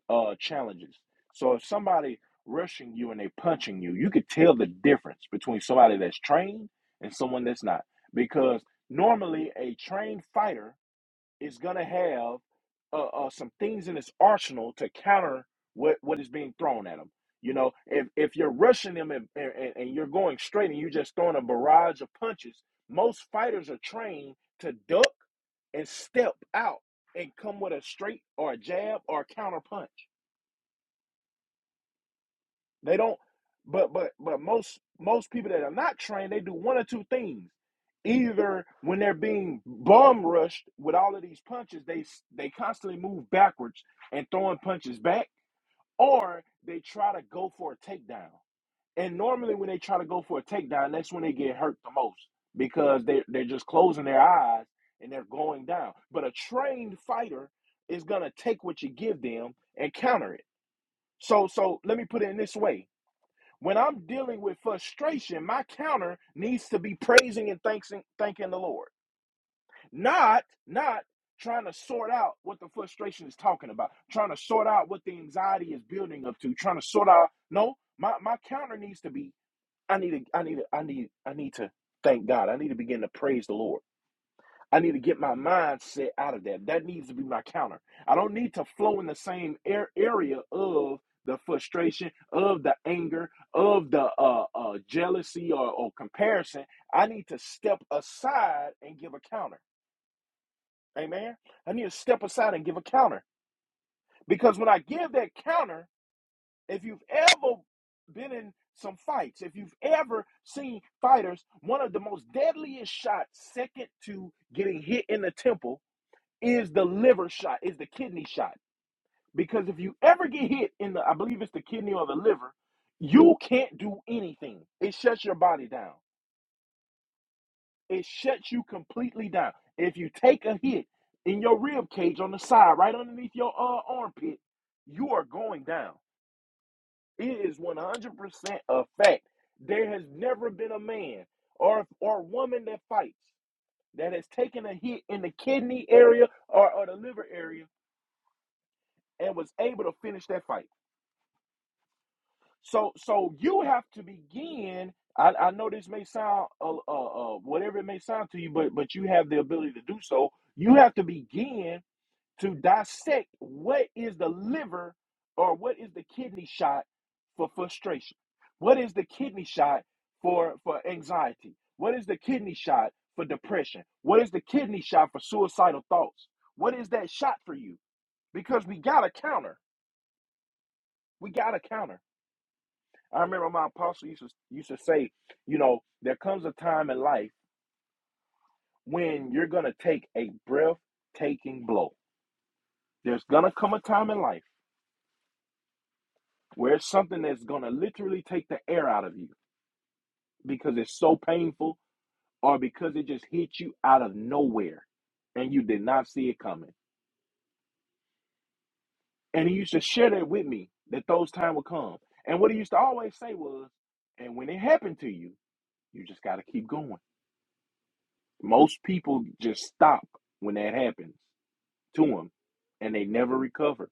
Speaker 2: uh, challenges. So if somebody rushing you and they punching you, you could tell the difference between somebody that's trained and someone that's not, because normally a trained fighter is going to have uh, uh, some things in its arsenal to counter what, what is being thrown at them. You know, if, if you're rushing them and, and, and and you're going straight and you're just throwing a barrage of punches, most fighters are trained to duck and step out and come with a straight or a jab or a counter punch. They don't. But but but most most people that are not trained, they do one or two things. Either when they're being bomb rushed with all of these punches, they they constantly move backwards and throwing punches back, or they try to go for a takedown. And normally, when they try to go for a takedown, that's when they get hurt the most because they they're just closing their eyes and they're going down. But a trained fighter is gonna take what you give them and counter it. So so let me put it in this way when I'm dealing with frustration, my counter needs to be praising and thanking, thanking the Lord, not not trying to sort out what the frustration is talking about, trying to sort out what the anxiety is building up to, trying to sort out. No, my my counter needs to be. I need to. I need to. I need. I need to thank God. I need to begin to praise the Lord. I need to get my mindset out of that. That needs to be my counter. I don't need to flow in the same air area of the frustration, of the anger, of the uh, uh, jealousy or, or comparison. I need to step aside and give a counter. Amen. I need to step aside and give a counter because when I give that counter, if you've ever been in some fights, if you've ever seen fighters, one of the most deadliest shots, second to getting hit in the temple is the liver shot, is the kidney shot. Because if you ever get hit in the, I believe it's the kidney or the liver, you can't do anything. It shuts your body down. It shuts you completely down. If you take a hit in your rib cage on the side, right underneath your uh, armpit, you are going down. It is 100% a fact. There has never been a man or or woman that fights that has taken a hit in the kidney area or, or the liver area and was able to finish that fight. So so you have to begin. I, I know this may sound uh, uh, uh, whatever it may sound to you, but but you have the ability to do so. You have to begin to dissect what is the liver or what is the kidney shot for frustration. What is the kidney shot for for anxiety? What is the kidney shot for depression? What is the kidney shot for suicidal thoughts? What is that shot for you? Because we got a counter. We got a counter. I remember my apostle used to, used to say, you know, there comes a time in life when you're going to take a breathtaking blow. There's going to come a time in life where it's something that's going to literally take the air out of you because it's so painful or because it just hit you out of nowhere and you did not see it coming. And he used to share that with me that those times would come. And what he used to always say was, and when it happened to you, you just got to keep going. Most people just stop when that happens to him, and they never recover.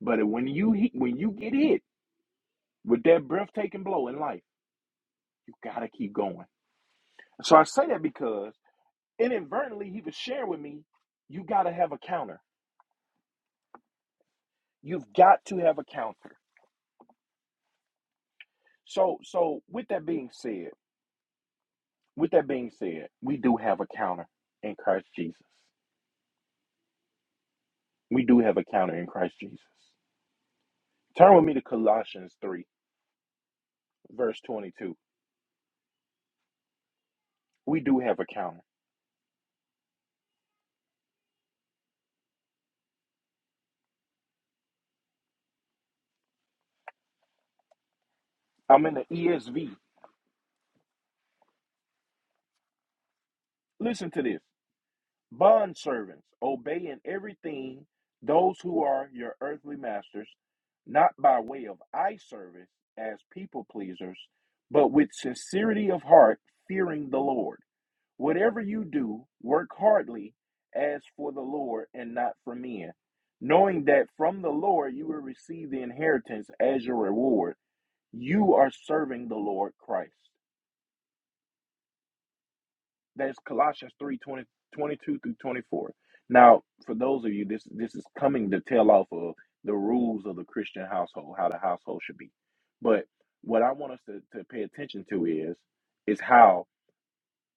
Speaker 2: But when you hit, when you get hit with that breathtaking blow in life, you gotta keep going. So I say that because inadvertently he was sharing with me, you gotta have a counter. You've got to have a counter. So so with that being said, with that being said, we do have a counter in Christ Jesus. We do have a counter in Christ Jesus. Turn with me to Colossians 3, verse 22. We do have a counter. I'm in the ESV. Listen to this. Bondservants, obey in everything those who are your earthly masters, not by way of eye service as people pleasers, but with sincerity of heart, fearing the Lord. Whatever you do, work hardly as for the Lord and not for men, knowing that from the Lord you will receive the inheritance as your reward. You are serving the Lord Christ. That's Colossians 3 20 22 through 24. Now, for those of you, this this is coming to tail off of the rules of the Christian household, how the household should be. But what I want us to, to pay attention to is is how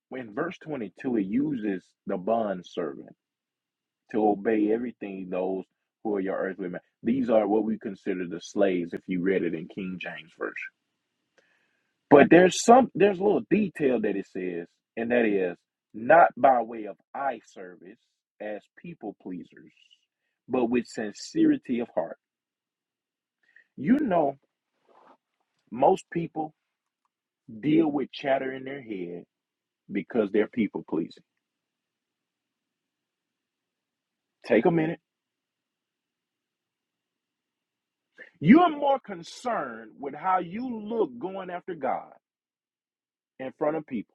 Speaker 2: when verse 22 it uses the bond servant to obey everything those who are your earthly men. These are what we consider the slaves if you read it in King James version. But there's some there's a little detail that it says, and that is not by way of eye service as people pleasers, but with sincerity of heart. You know, most people deal with chatter in their head because they're people pleasing. Take a minute. You are more concerned with how you look going after God in front of people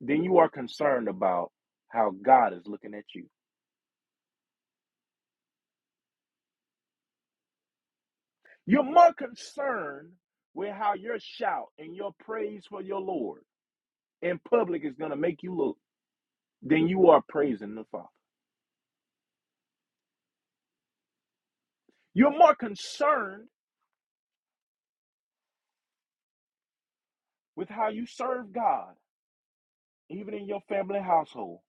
Speaker 2: than you are concerned about how God is looking at you. You're more concerned with how your shout and your praise for your Lord in public is going to make you look than you are praising the Father. You're more concerned with how you serve God, even in your family household,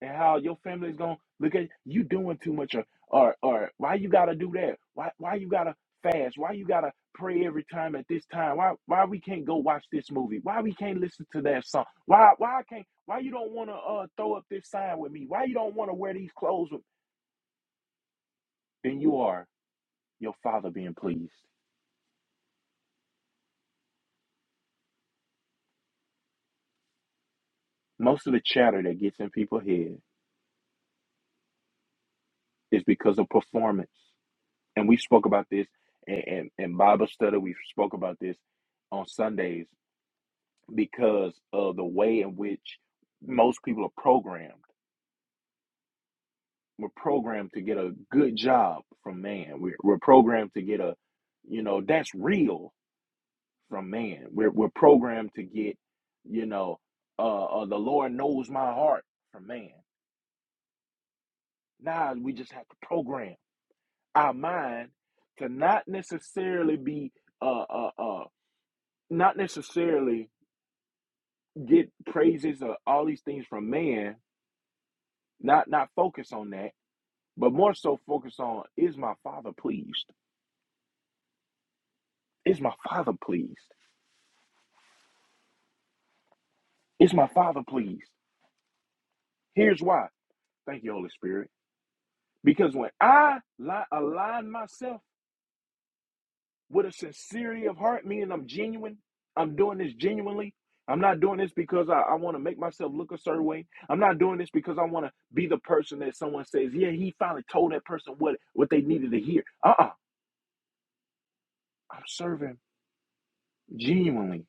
Speaker 2: and how your family's gonna look at you doing too much or or or why you gotta do that? Why why you gotta fast? Why you gotta pray every time at this time? Why why we can't go watch this movie? Why we can't listen to that song? Why why I can't why you don't wanna uh throw up this sign with me? Why you don't wanna wear these clothes with then you are your father being pleased. Most of the chatter that gets in people's head is because of performance. And we spoke about this and, and, and Bible study, we spoke about this on Sundays because of the way in which most people are programmed. We're programmed to get a good job from man. We're, we're programmed to get a, you know, that's real from man. We're, we're programmed to get, you know, uh, uh, the Lord knows my heart from man. Now we just have to program our mind to not necessarily be, uh, uh, uh, not necessarily get praises or all these things from man. Not not focus on that but more so focus on is my father pleased? Is my father pleased? Is my father pleased? Here's why. Thank you, Holy Spirit. Because when I li- align myself with a sincerity of heart, meaning I'm genuine, I'm doing this genuinely. I'm not doing this because I, I want to make myself look a certain way. I'm not doing this because I want to be the person that someone says, yeah, he finally told that person what, what they needed to hear. Uh-uh. I'm serving genuinely,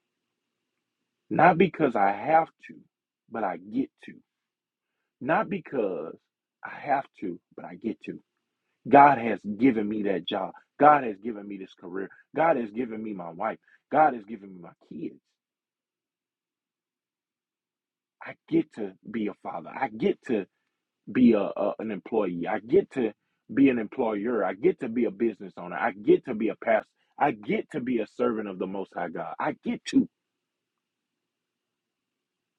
Speaker 2: not because I have to, but I get to. Not because I have to, but I get to. God has given me that job. God has given me this career. God has given me my wife. God has given me my kids. I get to be a father. I get to be a, a- an employee. I get to be an employer. I get to be a business owner. I get to be a pastor. I get to be a servant of the Most High God. I get to.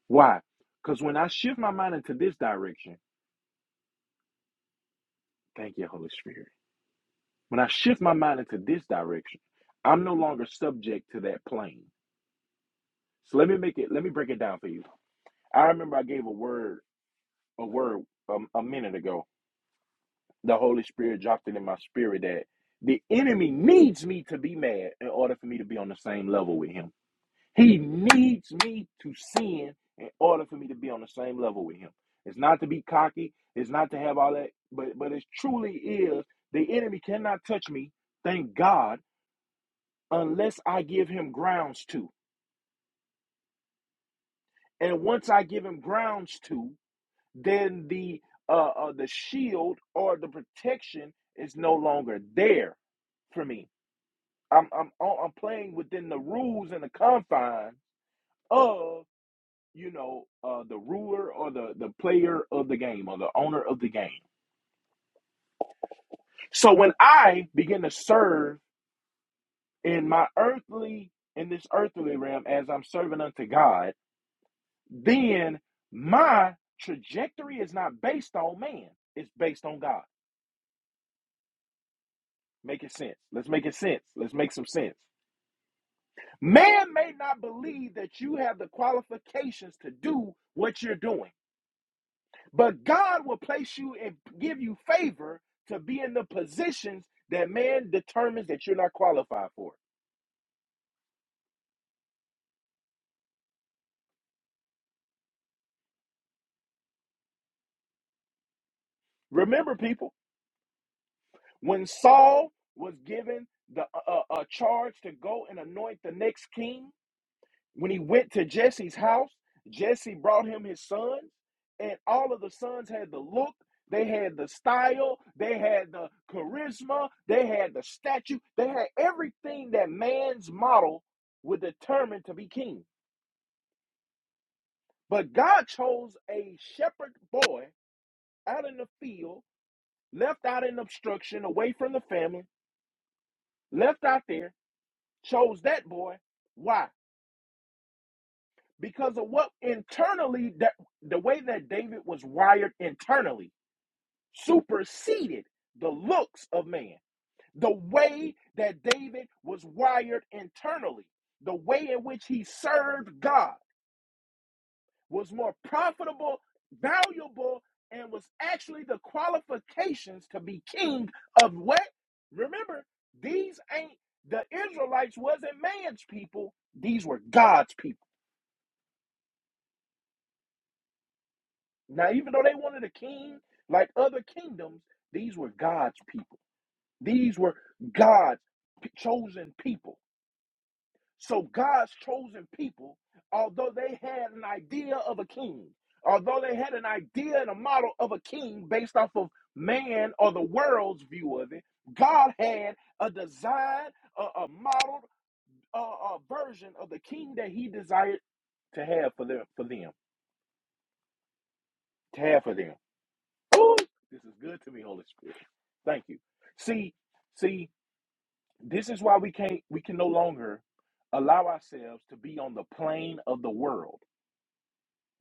Speaker 2: Why? Because when I shift my mind into this direction, thank you, Holy Spirit. When I shift my mind into this direction, I'm no longer subject to that plane. So let me make it, let me break it down for you. I remember I gave a word, a word um, a minute ago. The Holy Spirit dropped it in my spirit that the enemy needs me to be mad in order for me to be on the same level with him. He needs me to sin in order for me to be on the same level with him. It's not to be cocky, it's not to have all that, but but it truly is the enemy cannot touch me. Thank God unless I give him grounds to. And once I give him grounds to, then the uh, uh, the shield or the protection is no longer there for me. I'm I'm I'm playing within the rules and the confines of you know uh, the ruler or the the player of the game or the owner of the game. So when I begin to serve in my earthly in this earthly realm as I'm serving unto God then my trajectory is not based on man, it's based on God. Make it sense. Let's make it sense. Let's make some sense. Man may not believe that you have the qualifications to do what you're doing, but God will place you and give you favor to be in the positions that man determines that you're not qualified for. Remember, people, when Saul was given the uh, uh, charge to go and anoint the next king, When he went to Jesse's house, Jesse brought him his sons, and all of the sons had the look, they had the style, they had the charisma, they had the statue, they had everything that man's model would determine to be king. But God chose a shepherd boy out in the field, left out in obstruction, away from the family, left out there, chose that boy. Why? because of what internally that the way that David was wired internally superseded the looks of man. The way that David was wired internally, the way in which he served God was more profitable, valuable, and was actually the qualifications to be king of what? Remember, these ain't the Israelites wasn't man's people, these were God's people. Now, even though they wanted a king like other kingdoms, these were God's people. These were God's chosen people. So, God's chosen people, although they had an idea of a king, although they had an idea and a model of a king based off of man or the world's view of it, God had a design, a, a model, a, a version of the king that He desired to have for them, for them, to have for them. Ooh, this is good to me, Holy Spirit. Thank you. See, see, this is why we can't we can no longer allow ourselves to be on the plane of the world.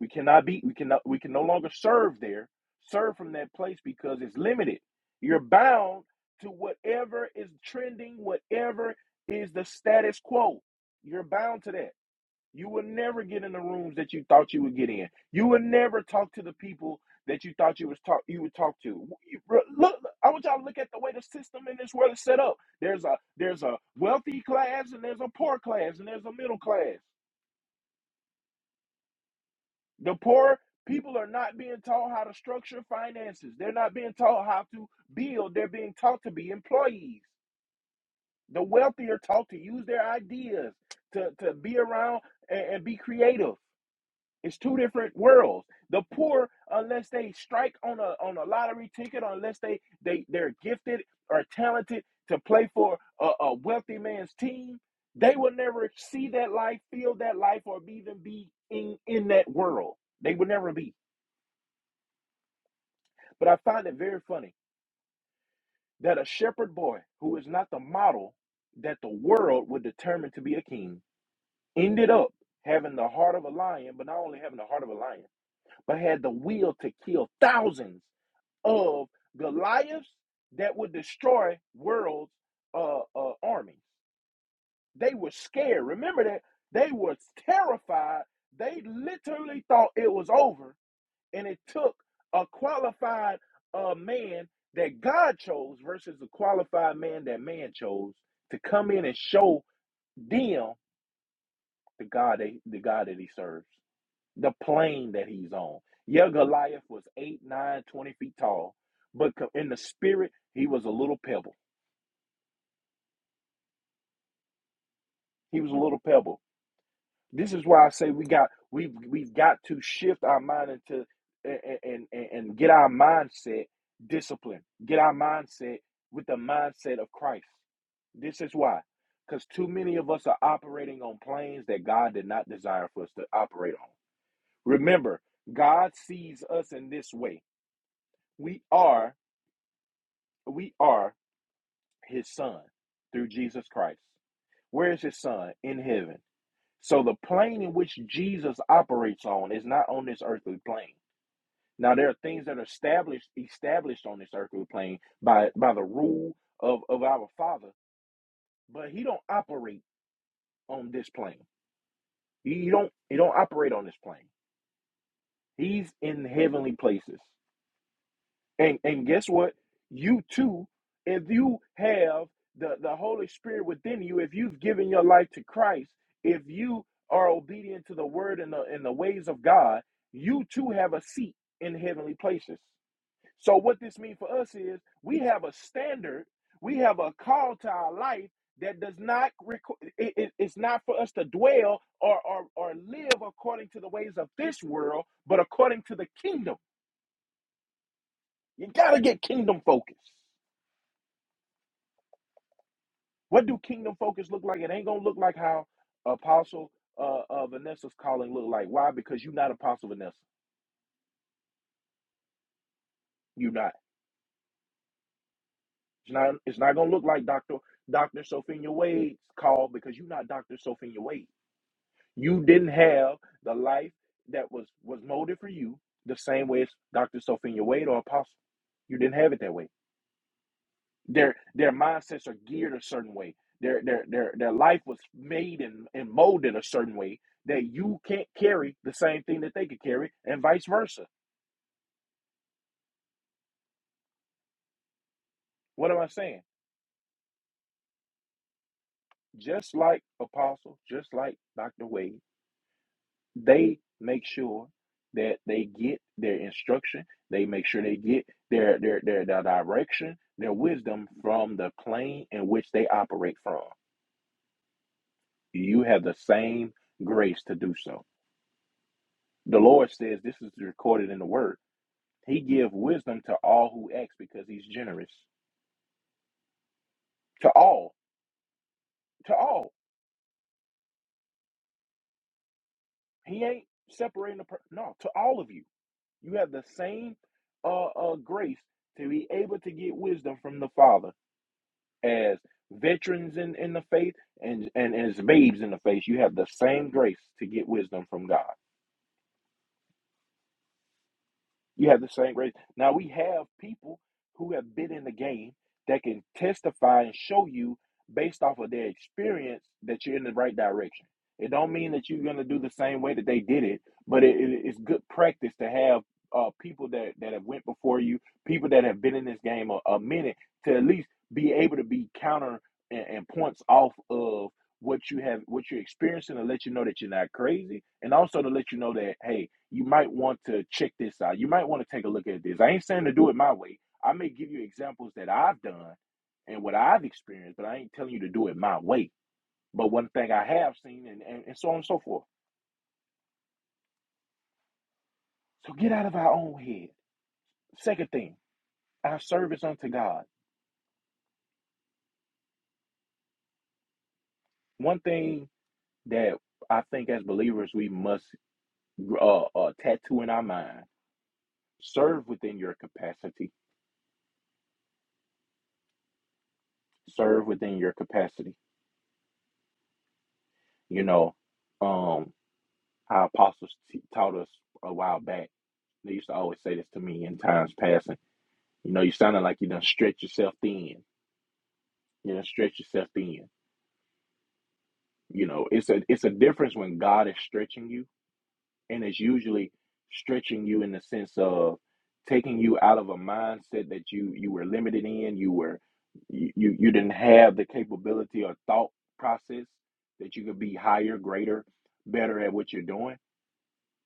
Speaker 2: We cannot be we cannot we can no longer serve there, serve from that place because it's limited. You're bound to whatever is trending, whatever is the status quo. You're bound to that. You will never get in the rooms that you thought you would get in. You will never talk to the people that you thought you was talk you would talk to. You- Look, I want y'all to look at the way the system in this world is set up. There's a there's a wealthy class and there's a poor class and there's a middle class. The poor people are not being taught how to structure finances. They're not being taught how to build. They're being taught to be employees. The wealthy are taught to use their ideas to, to be around and and be creative. It's two different worlds. The poor, unless they strike on a on a lottery ticket, unless they they they're gifted or talented to play for a, a wealthy man's team, they will never see that life, feel that life, or even be in in that world. They will never be. But I find it very funny that a shepherd boy who is not the model that the world would determine to be a king ended up having the heart of a lion, but not only having the heart of a lion but had the will to kill thousands of Goliaths that would destroy world's uh, uh, armies. They were scared. Remember that they were terrified. They literally thought it was over, and it took a qualified uh, man that God chose versus the qualified man that man chose to come in and show them the God they, the God that He serves the plane that he's on. Yeah, Goliath was 8, 9, 20 feet tall, but in the spirit, he was a little pebble. He was a little pebble. This is why I say we got we've we've got to shift our mind into and and, and and get our mindset disciplined. Get our mindset with the mindset of Christ. This is why. Because too many of us are operating on planes that God did not desire for us to operate on. Remember, God sees us in this way. We are we are his son through Jesus Christ. Where is his son? In heaven. So the plane in which Jesus operates on is not on this earthly plane. Now there are things that are established established on this earthly plane by by the rule of, of our father, but he don't operate on this plane. He don't he don't operate on this plane. He's in heavenly places. And and guess what? You too, if you have the, the Holy Spirit within you, if you've given your life to Christ, if you are obedient to the word and the and the ways of God, you too have a seat in heavenly places. So what this means for us is we have a standard, we have a call to our life that does not reco- it, it- it's not for us to dwell or, or or live according to the ways of this world, but according to the kingdom. You gotta get kingdom focused. What do kingdom focus look like? It ain't gonna look like how Apostle uh, uh Vanessa's calling look like. Why? Because you're not Apostle Vanessa. You're not. It's not. It's not gonna look like Doctor Doctor Sophia Wade's call because you're not Doctor Sophia Wade. You didn't have the life that was was molded for you the same way as Doctor Sophia Wade or Apostle. You didn't have it that way. Their their mindsets are geared a certain way. Their their their their life was made and, and molded a certain way that you can't carry the same thing that they could carry, and vice versa. What am I saying? Just like Apostle, just like Dr. Wade, they make sure that they get their instruction, they make sure they get their their their, their direction, their wisdom from the plane in which they operate from. You have the same grace to do so. The Lord says this is recorded in the word He give wisdom to all who ask because he's generous. To all. To all. He ain't separating the per- no, to all of you. You have the same uh, uh grace to be able to get wisdom from the Father as veterans in, in the faith and, and as babes in the faith. You have the same grace to get wisdom from God. You have the same grace. Now we have people who have been in the game that can testify and show you based off of their experience that you're in the right direction. It don't mean that you're gonna do the same way that they did it, but it, it- it's good practice to have uh, people that, that have went before you, people that have been in this game a, a minute, to at least be able to be counter and, and points off of what you have, what you're experiencing, to let you know that you're not crazy, and also to let you know that hey, you might want to check this out. You might want to take a look at this. I ain't saying to do it my way. I may give you examples that I've done and what I've experienced, but I ain't telling you to do it my way. But one thing I have seen, and, and, and so on and so forth. So get out of our own head. Second thing, our service unto God. One thing that I think as believers we must uh, uh, tattoo in our mind: serve within your capacity. Serve within your capacity. You know, um. Our apostles t- taught us a while back. They used to always say this to me in times past. And, you know, you sounded like you done stretch yourself thin. You done stretch yourself thin. You know, it's a it's a difference when God is stretching you, and it's usually stretching you in the sense of taking you out of a mindset that you you were limited in. You were you you you didn't have the capability or thought process that you could be higher, greater, better at what you're doing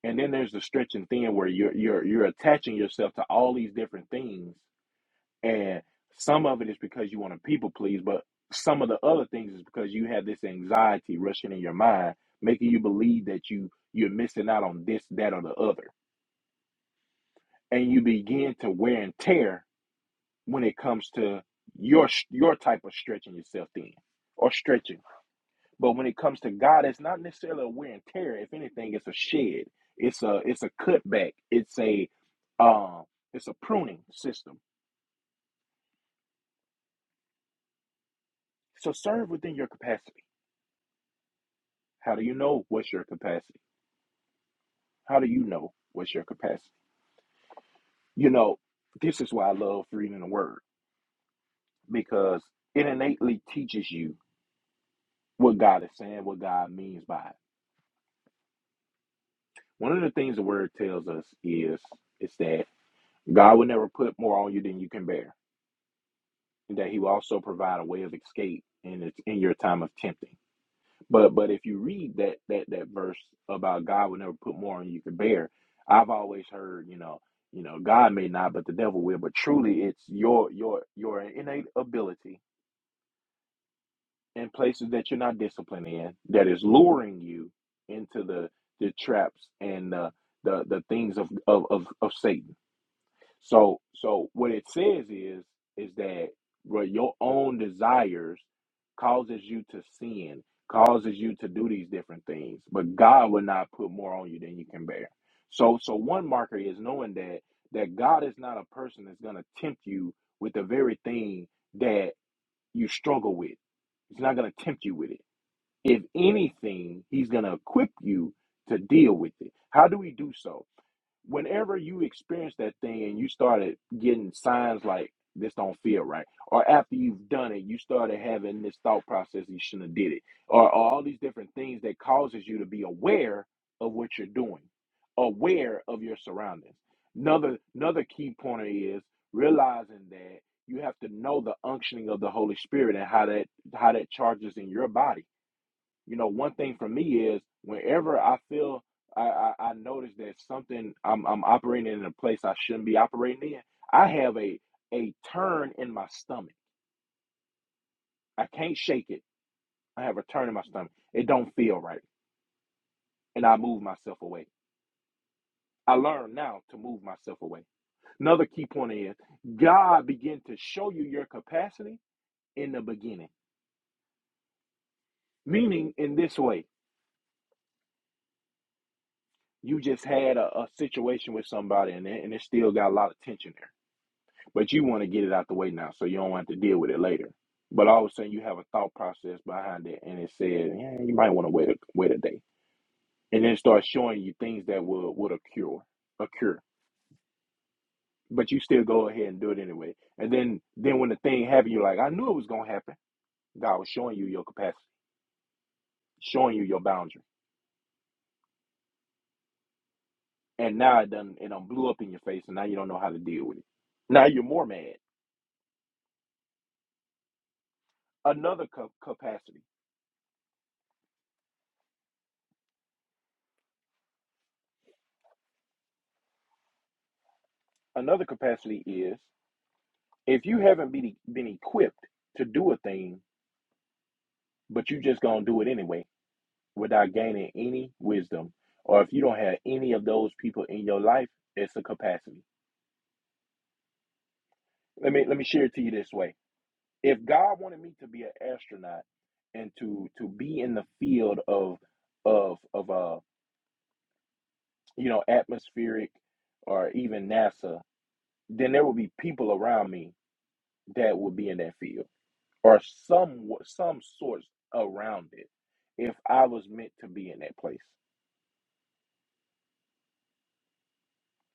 Speaker 2: And then there's the stretching thin where you're you're you're attaching yourself to all these different things, and some of it is because you want to people please, but some of the other things is because you have this anxiety rushing in your mind, making you believe that you you're missing out on this, that, or the other, and you begin to wear and tear when it comes to your your type of stretching yourself thin or stretching. But when it comes to God, it's not necessarily a wear and tear. If anything, it's a shed. It's a it's a cutback. It's a um it's a pruning system. So serve within your capacity. How do you know what's your capacity? How do you know what's your capacity? You know, this is why I love reading the word because it innately teaches you what God is saying, what God means by it. One of the things the word tells us is is that God will never put more on you than you can bear. that he will also provide a way of escape in its in your time of tempting. But but if you read that that that verse about God will never put more on you to bear, I've always heard, you know, you know, God may not, but the devil will. But truly it's your your your innate ability in places that you're not disciplined in that is luring you into the the traps and the the, the things of, of of of Satan. So so what it says is is that bro, your own desires causes you to sin, causes you to do these different things, but God will not put more on you than you can bear. So so one marker is knowing that that God is not a person that's gonna tempt you with the very thing that you struggle with. He's not gonna tempt you with it. If anything, he's gonna equip you to deal with it. How do we do so? whenever you experience that thing and you started getting signs like this don't feel right, or after you've done it, you started having this thought process you shouldn't have did it, or, or all these different things that causes you to be aware of what you're doing, aware of your surroundings. Another another key pointer is realizing that you have to know the unctioning of the Holy Spirit and how that how that charges in your body you know, one thing for me is whenever I feel I, I, I notice that something I'm I'm operating in a place I shouldn't be operating in, I have a a turn in my stomach. I can't shake it. I have a turn in my stomach. It don't feel right. And I move myself away. I learn now to move myself away. Another key point is God begin to show you your capacity in the beginning. Meaning in this way, you just had a, a situation with somebody and it, and it still got a lot of tension there But you want to get it out the way now, so you don't have to deal with it later. But all of a sudden, you have a thought process behind it, and it says, "Yeah, you might want to wait a wait a day," and then it starts showing you things that will would occur, occur. But you still go ahead and do it anyway. And then then when the thing happened, you're like, "I knew it was gonna happen." God was showing you your capacity, showing you your boundary, and now it done it done blew up in your face, and now you don't know how to deal with it. Now you're more mad. Another ca- capacity. Another capacity is If you haven't been, e, been equipped to do a thing, but you just gonna do it anyway without gaining any wisdom, or if you don't have any of those people in your life, it's a capacity. Let me let me share it to you this way. If God wanted me to be an astronaut and to to be in the field of of of uh you know atmospheric or even NASA, then there would be people around me that would be in that field or some some sorts around it if I was meant to be in that place.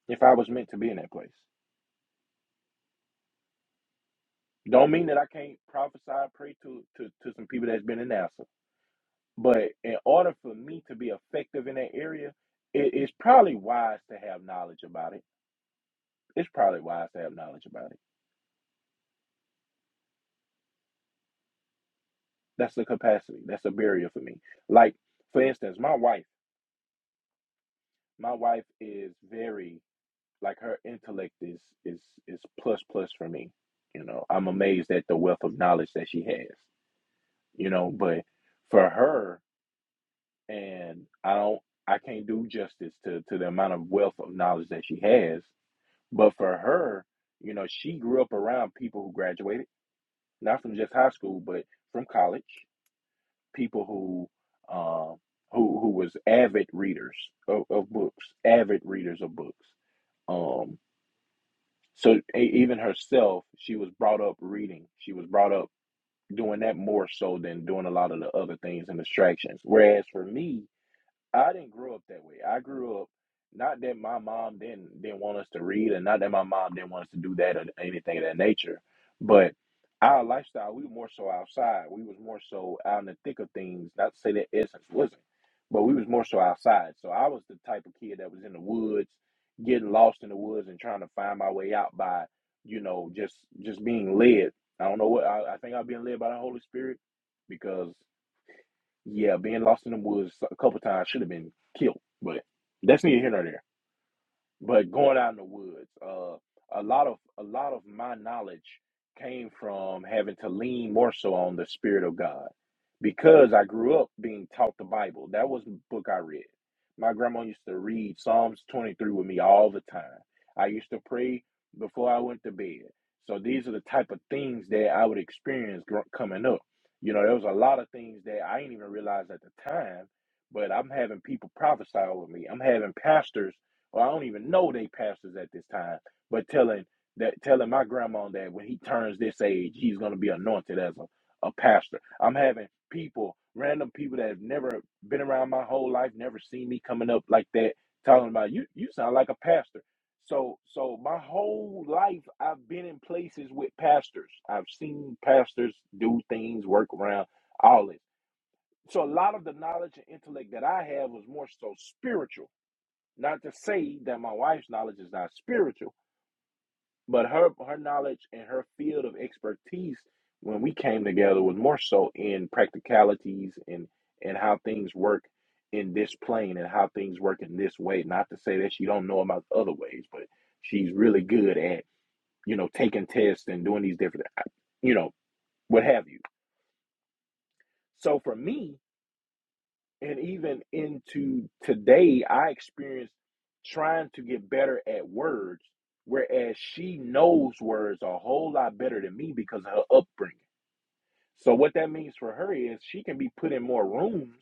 Speaker 2: If I was meant to be in that place. Don't mean that I can't prophesy and pray to, to, to some people that's been in NASA. But in order for me to be effective in that area, it is probably wise to have knowledge about it. It's probably wise to have knowledge about it. That's the capacity. That's a barrier for me. Like, for instance, my wife. My wife is very like her intellect is is is plus plus for me. You know, I'm amazed at the wealth of knowledge that she has. You know, but for her, and I don't, I can't do justice to to the amount of wealth of knowledge that she has. But for her, you know, she grew up around people who graduated not from just high school, but from college. People who, um, who who was avid readers of, of books, avid readers of books. um. So e- even herself, she was brought up reading. She was brought up doing that more so than doing a lot of the other things and distractions. Whereas for me, I didn't grow up that way. I grew up not that my mom didn't didn't want us to read, and not that my mom didn't want us to do that or anything of that nature, but our lifestyle, we were more so outside. We was more so out in the thick of things. Not to say that essence wasn't, but we was more so outside. So I was the type of kid that was in the woods, getting lost in the woods and trying to find my way out by, you know, just just being led. I don't know what I, I think I've been led by the Holy Spirit because. Yeah, being lost in the woods a couple times should have been killed, but that's neither here nor there but going out in the woods uh a lot of a lot of my knowledge came from having to lean more so on the spirit of god because i grew up being taught the bible that was the book i read my grandma used to read psalms 23 with me all the time i used to pray before i went to bed so these are the type of things that i would experience gr- coming up you know there was a lot of things that i didn't even realize at the time but i'm having people prophesy over me i'm having pastors or I don't even know they pastors at this time, but telling that telling my grandma that when he turns this age, he's gonna be anointed as a, a pastor. I'm having people, random people that have never been around my whole life, never seen me coming up like that, talking about you you sound like a pastor. So so my whole life I've been in places with pastors. I've seen pastors do things, work around, all this. So a lot of the knowledge and intellect that I have was more so spiritual not to say that my wife's knowledge is not spiritual, but her her knowledge and her field of expertise when we came together was more so in practicalities and and how things work in this plane and how things work in this way. Not to say that she don't know about the other ways, but she's really good at you know taking tests and doing these different you know what have you. So for me, and even into today i experience trying to get better at words whereas she knows words a whole lot better than me because of her upbringing so what that means for her is she can be put in more rooms,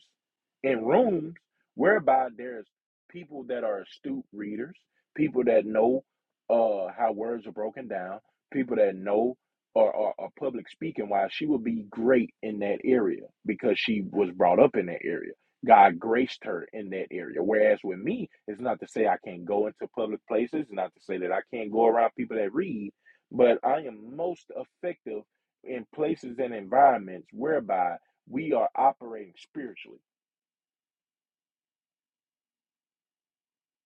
Speaker 2: in rooms whereby there's people that are astute readers, people that know uh, how words are broken down, people that know or are, are are public speaking. Why she would be great in that area because she was brought up in that area. God graced her in that area. Whereas with me, it's not to say I can't go into public places, not to say that I can't go around people that read, but I am most effective in places and environments whereby we are operating spiritually.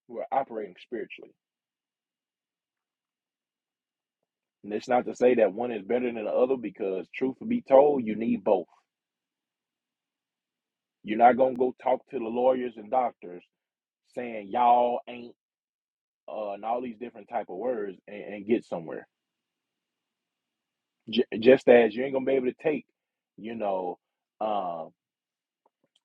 Speaker 2: We're operating spiritually. And it's not to say that one is better than the other because, truth be told, you need both. You're not going to go talk to the lawyers and doctors saying y'all ain't uh, and all these different type of words and, and get somewhere. J- just as you ain't going to be able to take, you know, um,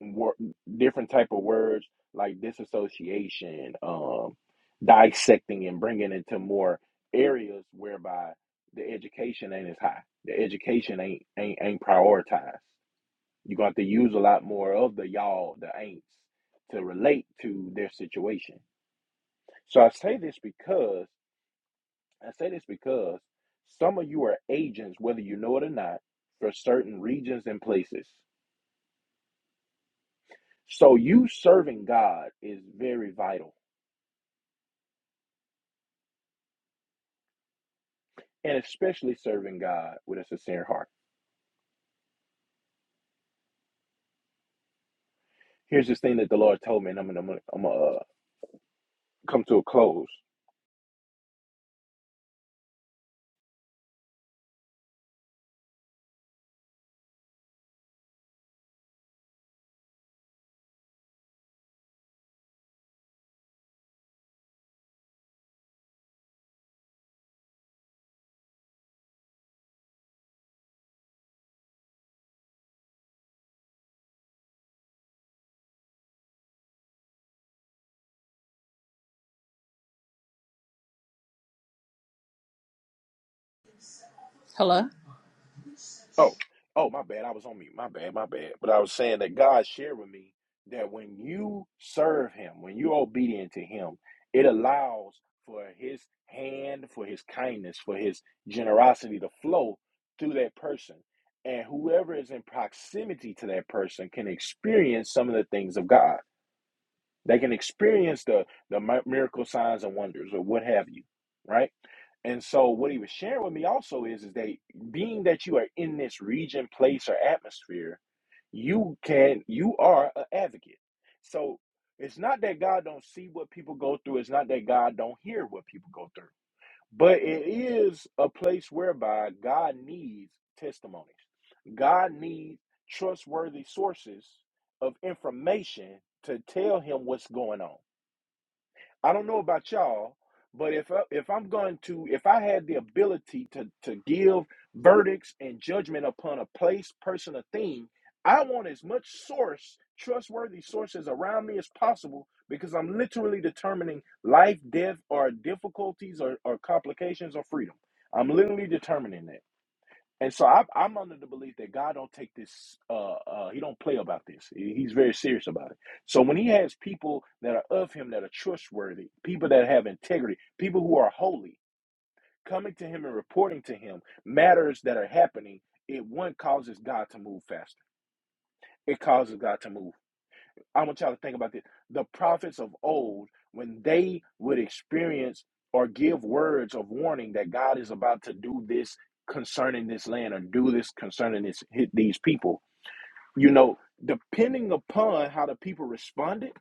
Speaker 2: wor- different type of words like disassociation, um, dissecting, and bringing into more areas whereby the education ain't as high. The education ain't ain't ain't prioritized. You got to use a lot more of the y'all, the ain'ts, to relate to their situation. So I say this because I say this because some of you are agents, whether you know it or not, for certain regions and places. So you serving God is very vital and especially serving God with a sincere heart. Here's this thing that the Lord told me, and I'm gonna, I'm gonna, I'm gonna uh, come to a close. Oh, oh, my bad. I was on mute. My bad, my bad. But I was saying that God shared with me that when you serve Him, when you're obedient to Him, it allows for His hand, for His kindness, for His generosity to flow through that person. And whoever is in proximity to that person can experience some of the things of God. They can experience the the miracle signs and wonders or what have you, right? And so what he was sharing with me also is is that being that you are in this region, place, or atmosphere, you can you are an advocate. So it's not that God don't see what people go through. It's not that God don't hear what people go through. But it is a place whereby God needs testimonies. God needs trustworthy sources of information to tell him what's going on. I don't know about y'all, but if I, if I'm going to if I had the ability to to give verdicts and judgment upon a place, person, or thing, I want as much source, trustworthy sources around me as possible because I'm literally determining life, death, or difficulties or, or complications or freedom. I'm literally determining that. And so I, I'm under the belief that God don't take this. Uh, uh, he don't play about this. He- He's very serious about it. So when He has people that are of Him that are trustworthy, people that have integrity, people who are holy, coming to Him and reporting to Him matters that are happening, it one causes God to move faster. It causes God to move. I want y'all to think about this. The prophets of old, when they would experience or give words of warning that God is about to do this concerning this land or do this concerning this these people, you know, depending upon how the people responded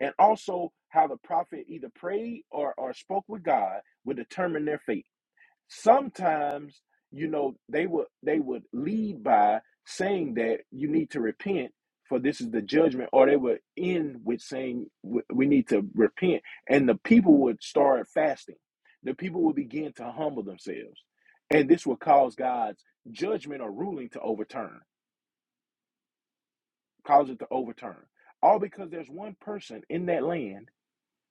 Speaker 2: and also how the prophet either prayed or, or spoke with God would determine their fate sometimes you know they would they would lead by saying that you need to repent for this is the judgment or they would end with saying "We we need to repent and the people would start fasting the people would begin to humble themselves and this would cause god's judgment or ruling to overturn cause it to overturn all because there's one person in that land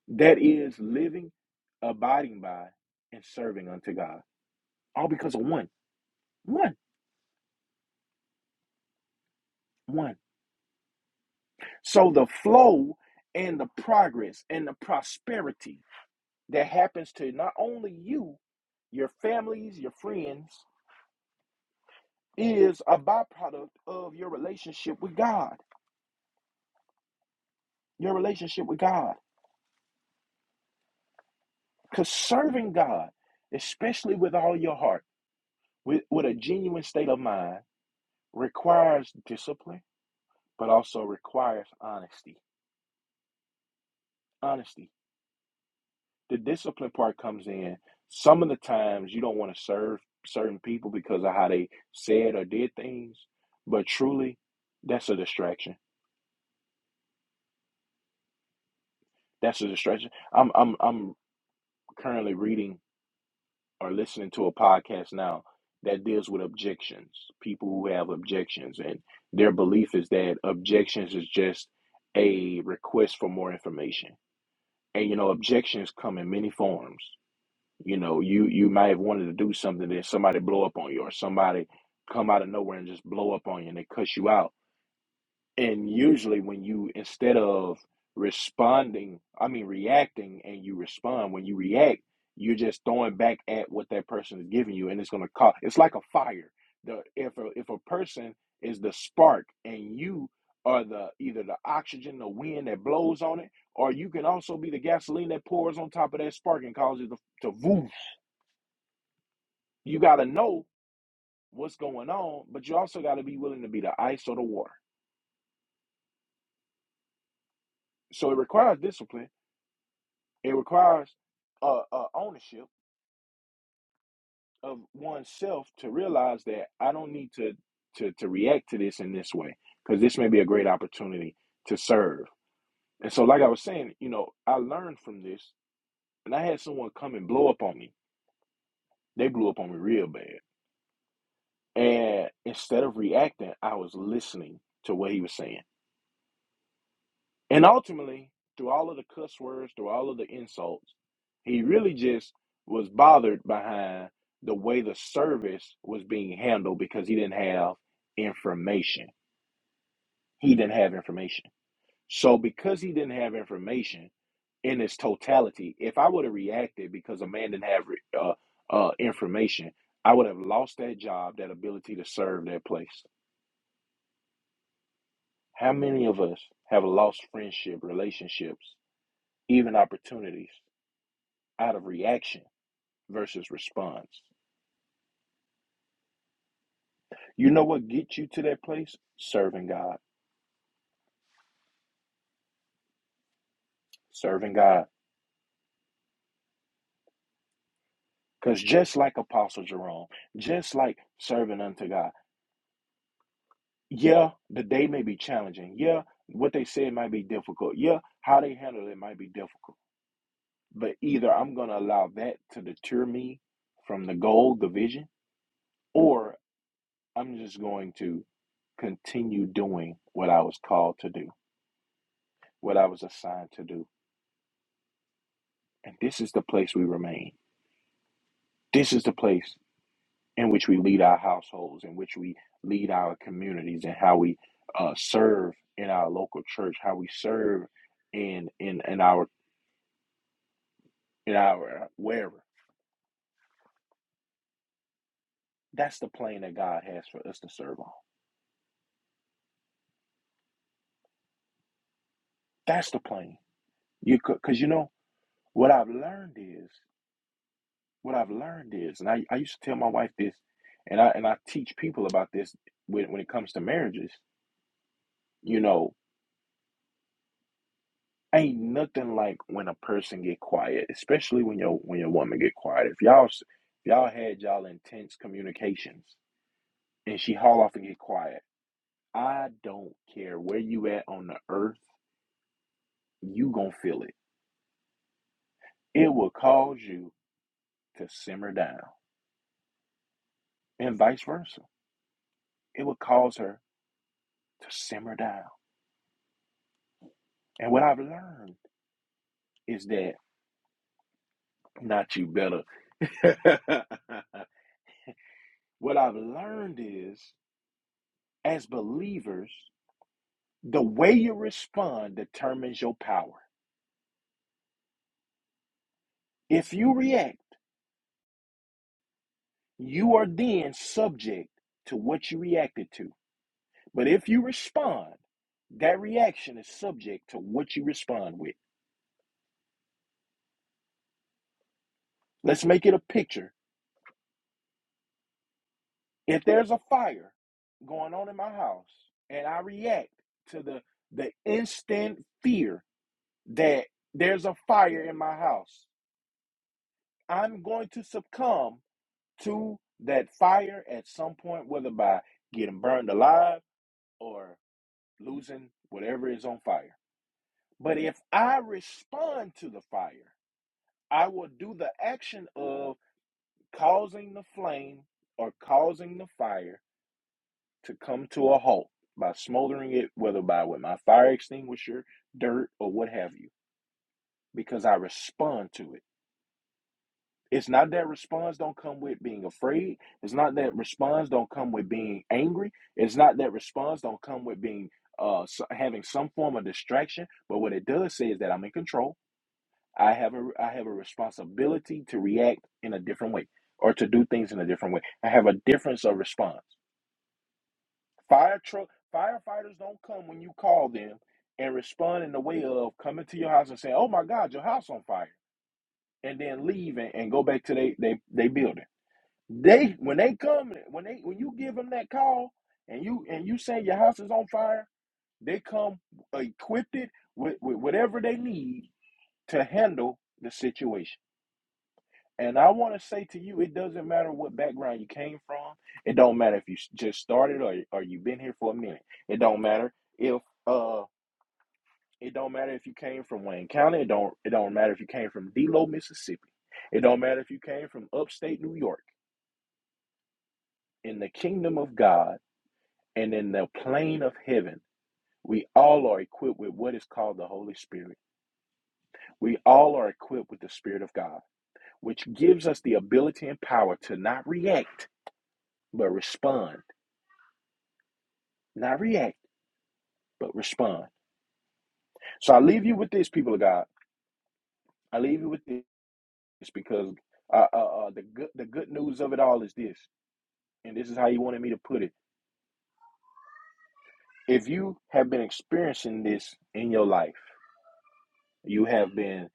Speaker 2: that is living abiding by and serving unto god all because of one one one So the flow and the progress and the prosperity that happens to not only you, your families, your friends, is a byproduct of your relationship with God. Your relationship with God. Because serving God, especially with all your heart, with, with a genuine state of mind, requires discipline, but also requires honesty. Honesty. the discipline part comes in. Some of the times you don't want to serve certain people because of how they said or did things, but truly, that's a distraction. That's a distraction. I'm I'm I'm currently reading or listening to a podcast now that deals with objections. People who have objections and their belief is that objections is just a request for more information. And you know, objections come in many forms. You know, you you might have wanted to do something, then somebody blow up on you, or somebody come out of nowhere and just blow up on you, and they cuss you out. And usually, when you instead of responding, I mean reacting, and you respond, when you react, you're just throwing back at what that person is giving you, and it's gonna cause. It's like a fire. The if a, if a person is the spark, and you are the either the oxygen, the wind that blows on it, or you can also be the gasoline that pours on top of that spark and causes it to, to woof you got to know what's going on, but you also got to be willing to be the ice or the water. So it requires discipline. It requires uh, uh, ownership of oneself to realize that I don't need to to to react to this in this way because this may be a great opportunity to serve. And so, like I was saying, you know, I learned from this, and I had someone come and blow up on me. They blew up on me real bad, and instead of reacting, I was listening to what he was saying. And ultimately, through all of the cuss words, through all of the insults, he really just was bothered behind the way the service was being handled because he didn't have information. He didn't have information. So, because he didn't have information in its totality, if I would have reacted because a man didn't have uh, uh, information, I would have lost that job, that ability to serve that place. How many of us have lost friendship, relationships, even opportunities out of reaction versus response. You know what gets you to that place? Serving God. Serving God. Because just like Apostle Jerome, just like serving unto God, yeah, the day may be challenging. Yeah, what they said might be difficult. Yeah, how they handle it might be difficult. But either I'm going to allow that to deter me from the goal, the vision, or I'm just going to continue doing what I was called to do, what I was assigned to do. And this is the place we remain. This is the place in which we lead our households, in which we lead our communities, and how we uh, serve in our local church, how we serve in in in our in our uh, wherever. That's the plane that God has for us to serve on. That's the plane. You could, because you know what I've learned is what I've learned is, and I, I used to tell my wife this, and I and I teach people about this when when it comes to marriages. You know, ain't nothing like when a person get quiet, especially when your when your woman get quiet. If y'all if y'all had y'all intense communications and she haul off and get quiet, I don't care where you at on the earth, you gonna feel it. It will cause you to simmer down, and vice versa. It will cause her to simmer down. And what I've learned is that not you better. what I've learned is as believers. The way you respond determines your power. If you react, you are then subject to what you reacted to. But if you respond, that reaction is subject to what you respond with. Let's make it a picture. If there's a fire going on in my house and I react to the the instant fear that there's a fire in my house, I'm going to succumb to that fire at some point, whether by getting burned alive or losing whatever is on fire. But if I respond to the fire, I will do the action of causing the flame or causing the fire to come to a halt by smoldering it, whether by with my fire extinguisher, dirt, or what have you, because I respond to it. It's not that response don't come with being afraid. It's not that response don't come with being angry. It's not that response don't come with being uh s having some form of distraction. But what it does say is that I'm in control. I have a I have a responsibility to react in a different way or to do things in a different way. I have a difference of response. Fire truck firefighters don't come when you call them and respond in the way of coming to your house and saying, "Oh my God, your house on fire," and then leave and, and go back to they they they building. They when they come when they when you give them that call and you and you say your house is on fire, they come equipped it with, with whatever they need to handle the situation. And I want to say to you, it doesn't matter what background you came from. It don't matter if you just started or or you've been here for a minute. It don't matter if uh it don't matter if you came from Wayne County. It don't it don't matter if you came from Delo, Mississippi. It don't matter if you came from upstate New York. In the kingdom of God. And in the plane of heaven, we all are equipped with what is called the Holy Spirit. We all are equipped with the Spirit of God, which gives us the ability and power to not react, but respond. Not react, but respond. So I leave you with this, people of God. I leave you with this because uh, uh, uh, the, good, the good news of it all is this, and this is how you wanted me to put it. If you have been experiencing this in your life, you have been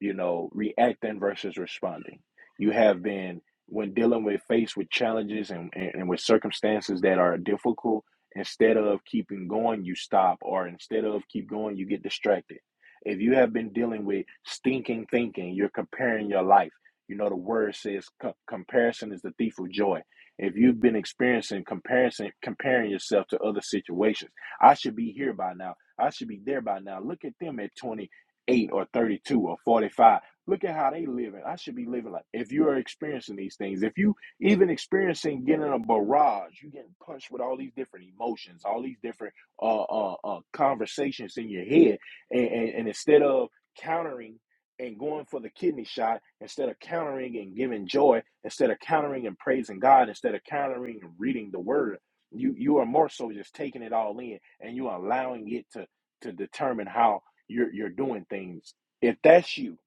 Speaker 2: you know, reacting versus responding. You have been, when dealing with faced with challenges and, and, and with circumstances that are difficult, instead of keeping going, you stop, or instead of keep going, you get distracted. If you have been dealing with stinking thinking, you're comparing your life. You know, the word says co- comparison is the thief of joy. If you've been experiencing comparison, comparing yourself to other situations, I should be here by now. I should be there by now. Look at them at 20 eight or 32 or 45. Look at how they living. I should be living like if you're experiencing these things, if you even experiencing getting a barrage, you getting punched with all these different emotions, all these different uh, uh, uh, conversations in your head, and, and, and instead of countering and going for the kidney shot, instead of countering and giving joy, instead of countering and praising God, instead of countering and reading the Word, you you are more so just taking it all in, and you are allowing it to to determine how you're you're doing things. If that's you,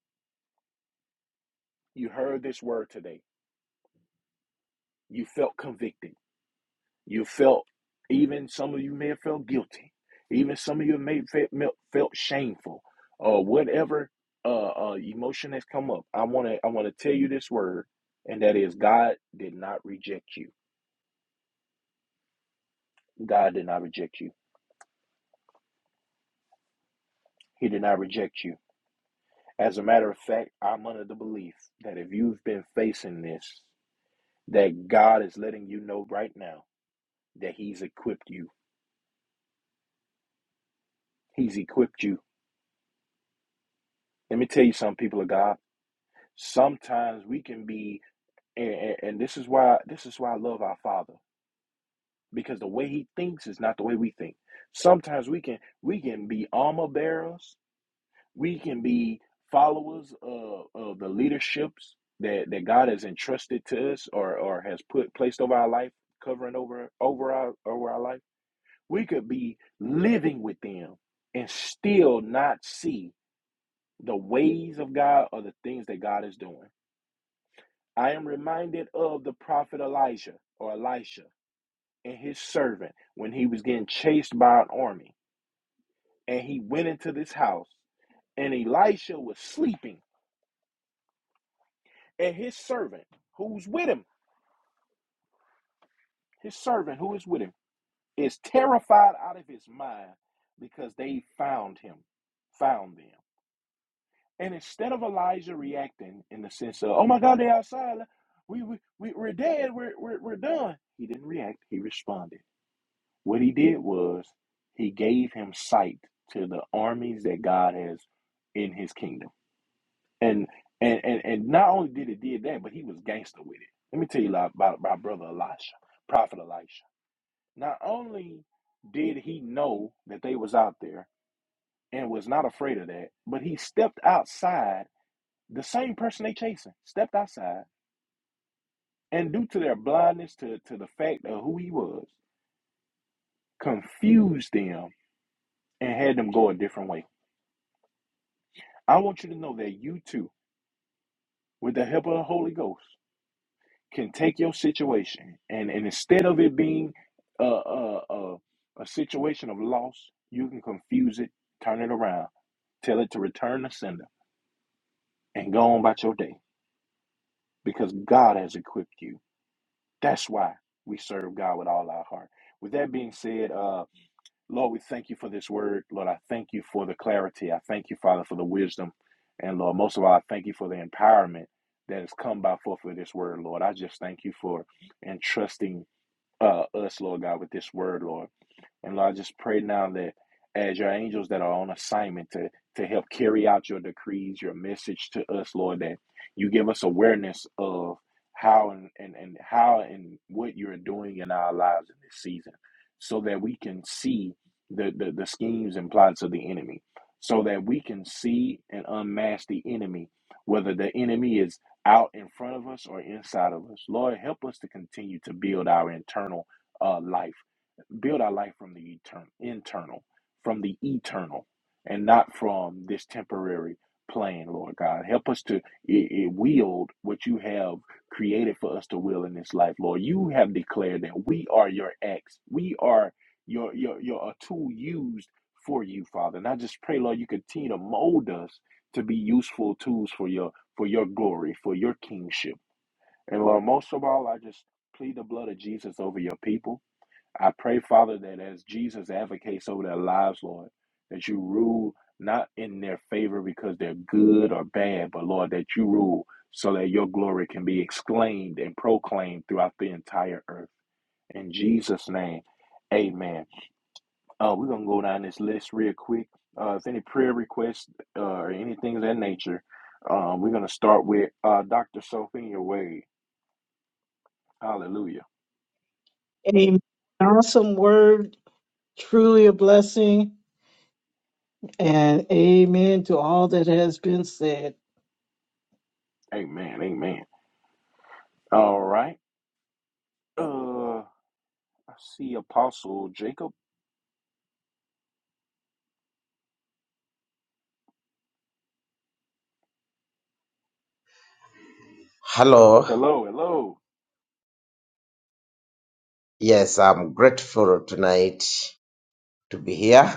Speaker 2: you heard this word today. You felt convicted. You felt even some of you may have felt guilty. Even some of you may have felt shameful or uh, whatever uh, uh, emotion has come up. I want to I want to tell you this word, and that is God did not reject you. God did not reject you. He did not reject you. As a matter of fact, I'm under the belief that if you've been facing this, that God is letting you know right now that He's equipped you. He's equipped you. Let me tell you something, people of God. Sometimes we can be, and, and, and this is why this is why I love our Father because the way He thinks is not the way we think. Sometimes we can we can be armor bearers. We can be followers of, of the leaderships that, that God has entrusted to us or, or has put placed over our life, covering over over our over our life. We could be living with them and still not see the ways of God are the things that God is doing. I am reminded of the prophet Elijah or Elisha and his servant when he was getting chased by an army. And he went into this house, and Elisha was sleeping. And his servant, who's with him, his servant who is with him, is terrified out of his mind because they found him, found them. And instead of Elijah reacting in the sense of, oh my God, they're outside. We, we, we, we're dead. We're, we're, we're done. He didn't react. He responded. What he did was he gave him sight to the armies that God has in his kingdom. And and and, and not only did it did that, but he was gangster with it. Let me tell you about, my brother Elisha, prophet Elisha. Not only did he know that they was out there and was not afraid of that, but he stepped outside the same person they chasing stepped outside and due to their blindness to, to the fact of who he was confused them and had them go a different way i want you to know that you too with the help of the holy ghost can take your situation and, and instead of it being a, a, a, a situation of loss you can confuse it turn it around tell it to return the sender and go on about your day because god has equipped you that's why we serve god with all our heart with that being said uh. Lord, we thank you for this word. Lord, I thank you for the clarity. I thank you, Father, for the wisdom. And Lord, most of all, I thank you for the empowerment that has come by forth of this word, Lord. I just thank you for entrusting uh, us, Lord God, with this word, Lord. And Lord, I just pray now that as your angels that are on assignment to, to help carry out your decrees, your message to us, Lord, that you give us awareness of how and, and, and how and what you're doing in our lives in this season so that we can see the, the, the schemes and plots of the enemy. So that we can see and unmask the enemy, whether the enemy is out in front of us or inside of us. Lord, help us to continue to build our internal uh, life build our life from the eternal, internal, from the eternal, and not from this temporary plane, Lord God. Help us to i- i- wield what you have created for us to will in this life, Lord. You have declared that we are your ex. We are your your your a tool used for you, Father. And I just pray, Lord, you continue to mold us to be useful tools for your for your glory, for your kingship. And Lord, most of all, I just plead the blood of Jesus over your people. I pray, Father, that as Jesus advocates over their lives, Lord, that you rule not in their favor because they're good or bad, but Lord, that you rule so that your glory can be exclaimed and proclaimed throughout the entire earth. In Jesus' name, amen. Uh, we're going to go down this list real quick. Uh, if any prayer requests uh, or anything of that nature, um, we're going to start with uh, Dr. Sophia Wade. Hallelujah.
Speaker 3: Amen. Awesome word, truly a blessing. And amen to all that has been said.
Speaker 2: Amen. Amen. All right. Uh, I see Apostle Jacob.
Speaker 4: Hello.
Speaker 2: Hello, hello.
Speaker 4: Yes, I'm grateful tonight to be here.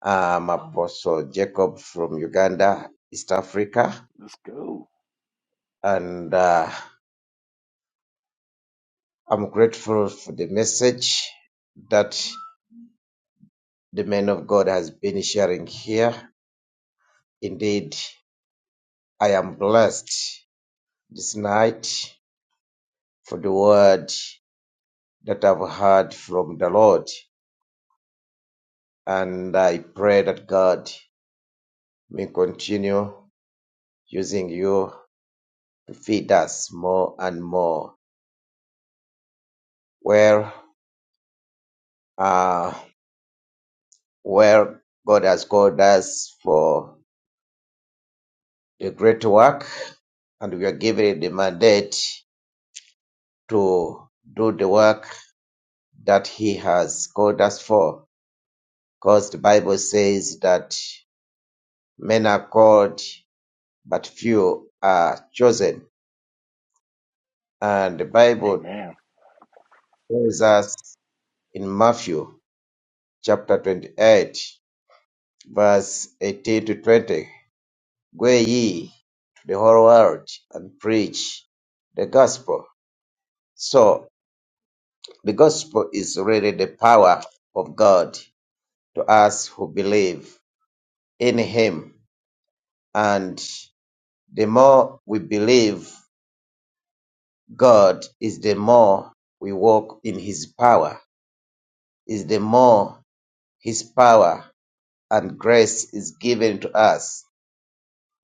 Speaker 4: I'm Apostle Jacob from Uganda, East Africa,
Speaker 2: Let's go.
Speaker 4: and uh, I'm grateful for the message that the man of God has been sharing here. Indeed, I am blessed this night for the word that I've heard from the Lord, and I pray that God may continue using you feed us more and more where uh, where God has called us for the great work, and we are given the mandate to do the work that He has called us for. Because the Bible says that men are called, but few are chosen. And the Bible
Speaker 2: Amen.
Speaker 4: tells us in Matthew chapter 28, verse 18 to 20 Go ye to the whole world and preach the gospel. So, the gospel is really the power of God to us who believe in Him. And the more we believe God, is the more we walk in His power, is the more His power and grace is given to us,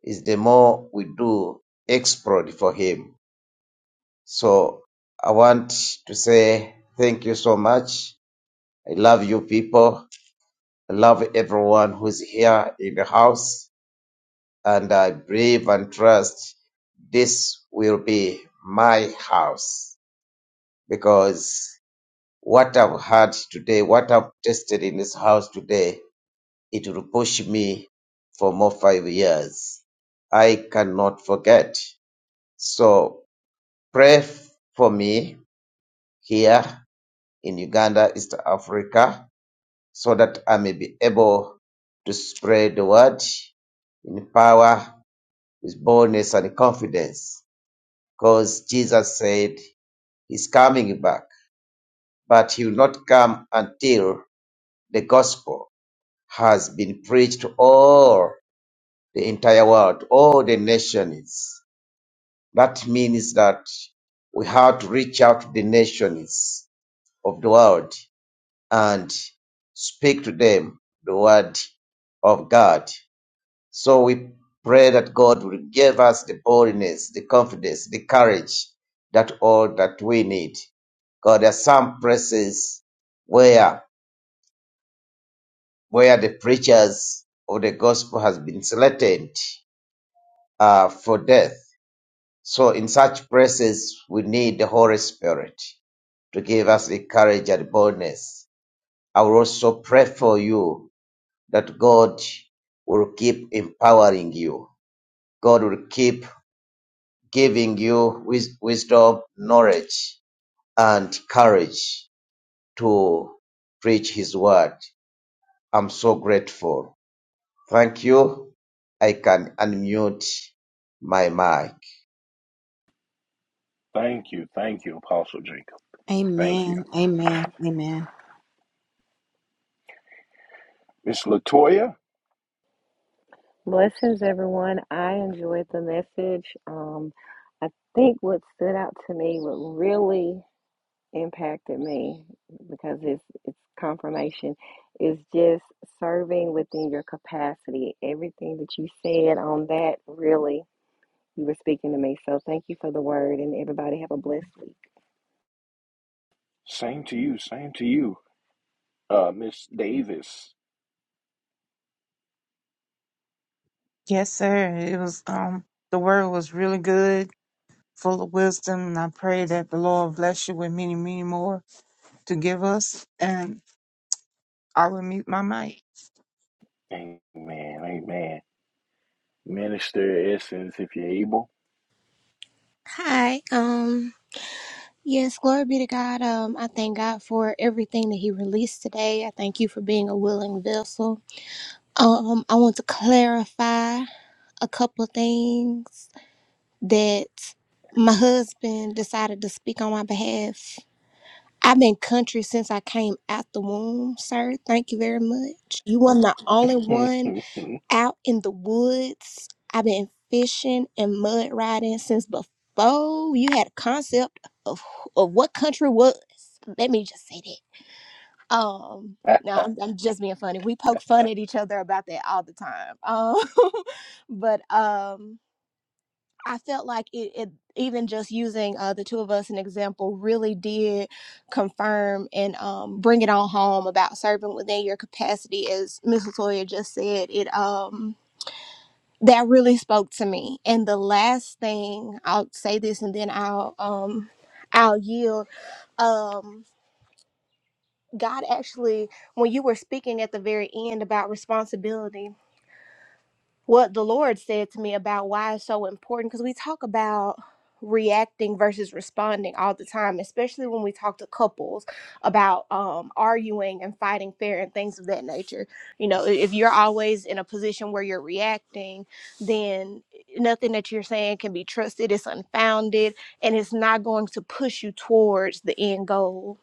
Speaker 4: is the more we do exploit for Him So I want to say thank you so much. I love you people. I love everyone who's here in the house. And I believe and trust this will be my house because what I've had today, what I've tested in this house today, it will push me for more five years. I cannot forget. So pray f- for me here in Uganda, East Africa, so that I may be able to spread the word in power, with boldness and confidence. Because Jesus said he's coming back, but he will not come until the gospel has been preached to all the entire world, all the nations. That means that we have to reach out to the nations of the world and speak to them the word of God. So we pray that God will give us the boldness, the confidence, the courage, that all that we need. God, there are some places where where the preachers of the gospel has been threatened uh, for death. So in such places, we need the Holy Spirit to give us the courage and boldness. I will also pray for you that God will keep empowering you. God will keep giving you wis- wisdom, knowledge, and courage to preach His word. I'm so grateful. Thank you. I can unmute my mic.
Speaker 2: Thank you. Thank you, Apostle Jacob. Thank you.
Speaker 1: Amen. Amen. Amen.
Speaker 2: Miss Latoya,
Speaker 5: Blessings, everyone. I enjoyed the message. Um, I think what stood out to me, what really impacted me, because it's it's confirmation, is just serving within your capacity. Everything that you said on that, really, you were speaking to me. So thank you for the word, and everybody have a blessed week.
Speaker 2: same to you. Same to you. Uh, Miss Davis.
Speaker 6: Yes, sir. It was um the word was really good, full of wisdom, and I pray that the Lord bless you with many, many more to give us. And I will mute my mic.
Speaker 2: Amen. Amen. Minister Essence, if you're able.
Speaker 7: Hi. Um yes, glory be to God. Um I thank God for everything that he released today. I thank you for being a willing vessel. Um I want to clarify a couple of things that my husband decided to speak on my behalf. I've been country since I came out the womb, sir. Thank you very much. You were the only one out in the woods. I've been fishing and mud riding since before you had a concept of of what country was. Let me just say that. Um, no, I'm, I'm just being funny. We poke fun at each other about that all the time. Um, but um, I felt like it, it even just using uh, the two of us an example really did confirm and um, bring it on home about serving within your capacity, as Miss Latoya just said. It um that really spoke to me. And the last thing I'll say this, and then I'll um I'll yield. Um, God actually, when you were speaking at the very end about responsibility what the Lord said to me about why it's so important because we talk about reacting versus responding all the time, especially when we talk to couples about um, arguing and fighting fair and things of that nature. You know, i- if you're always in a position where you're reacting, then nothing that you're saying can be trusted, it's unfounded, and it's not going to push you towards the end goal.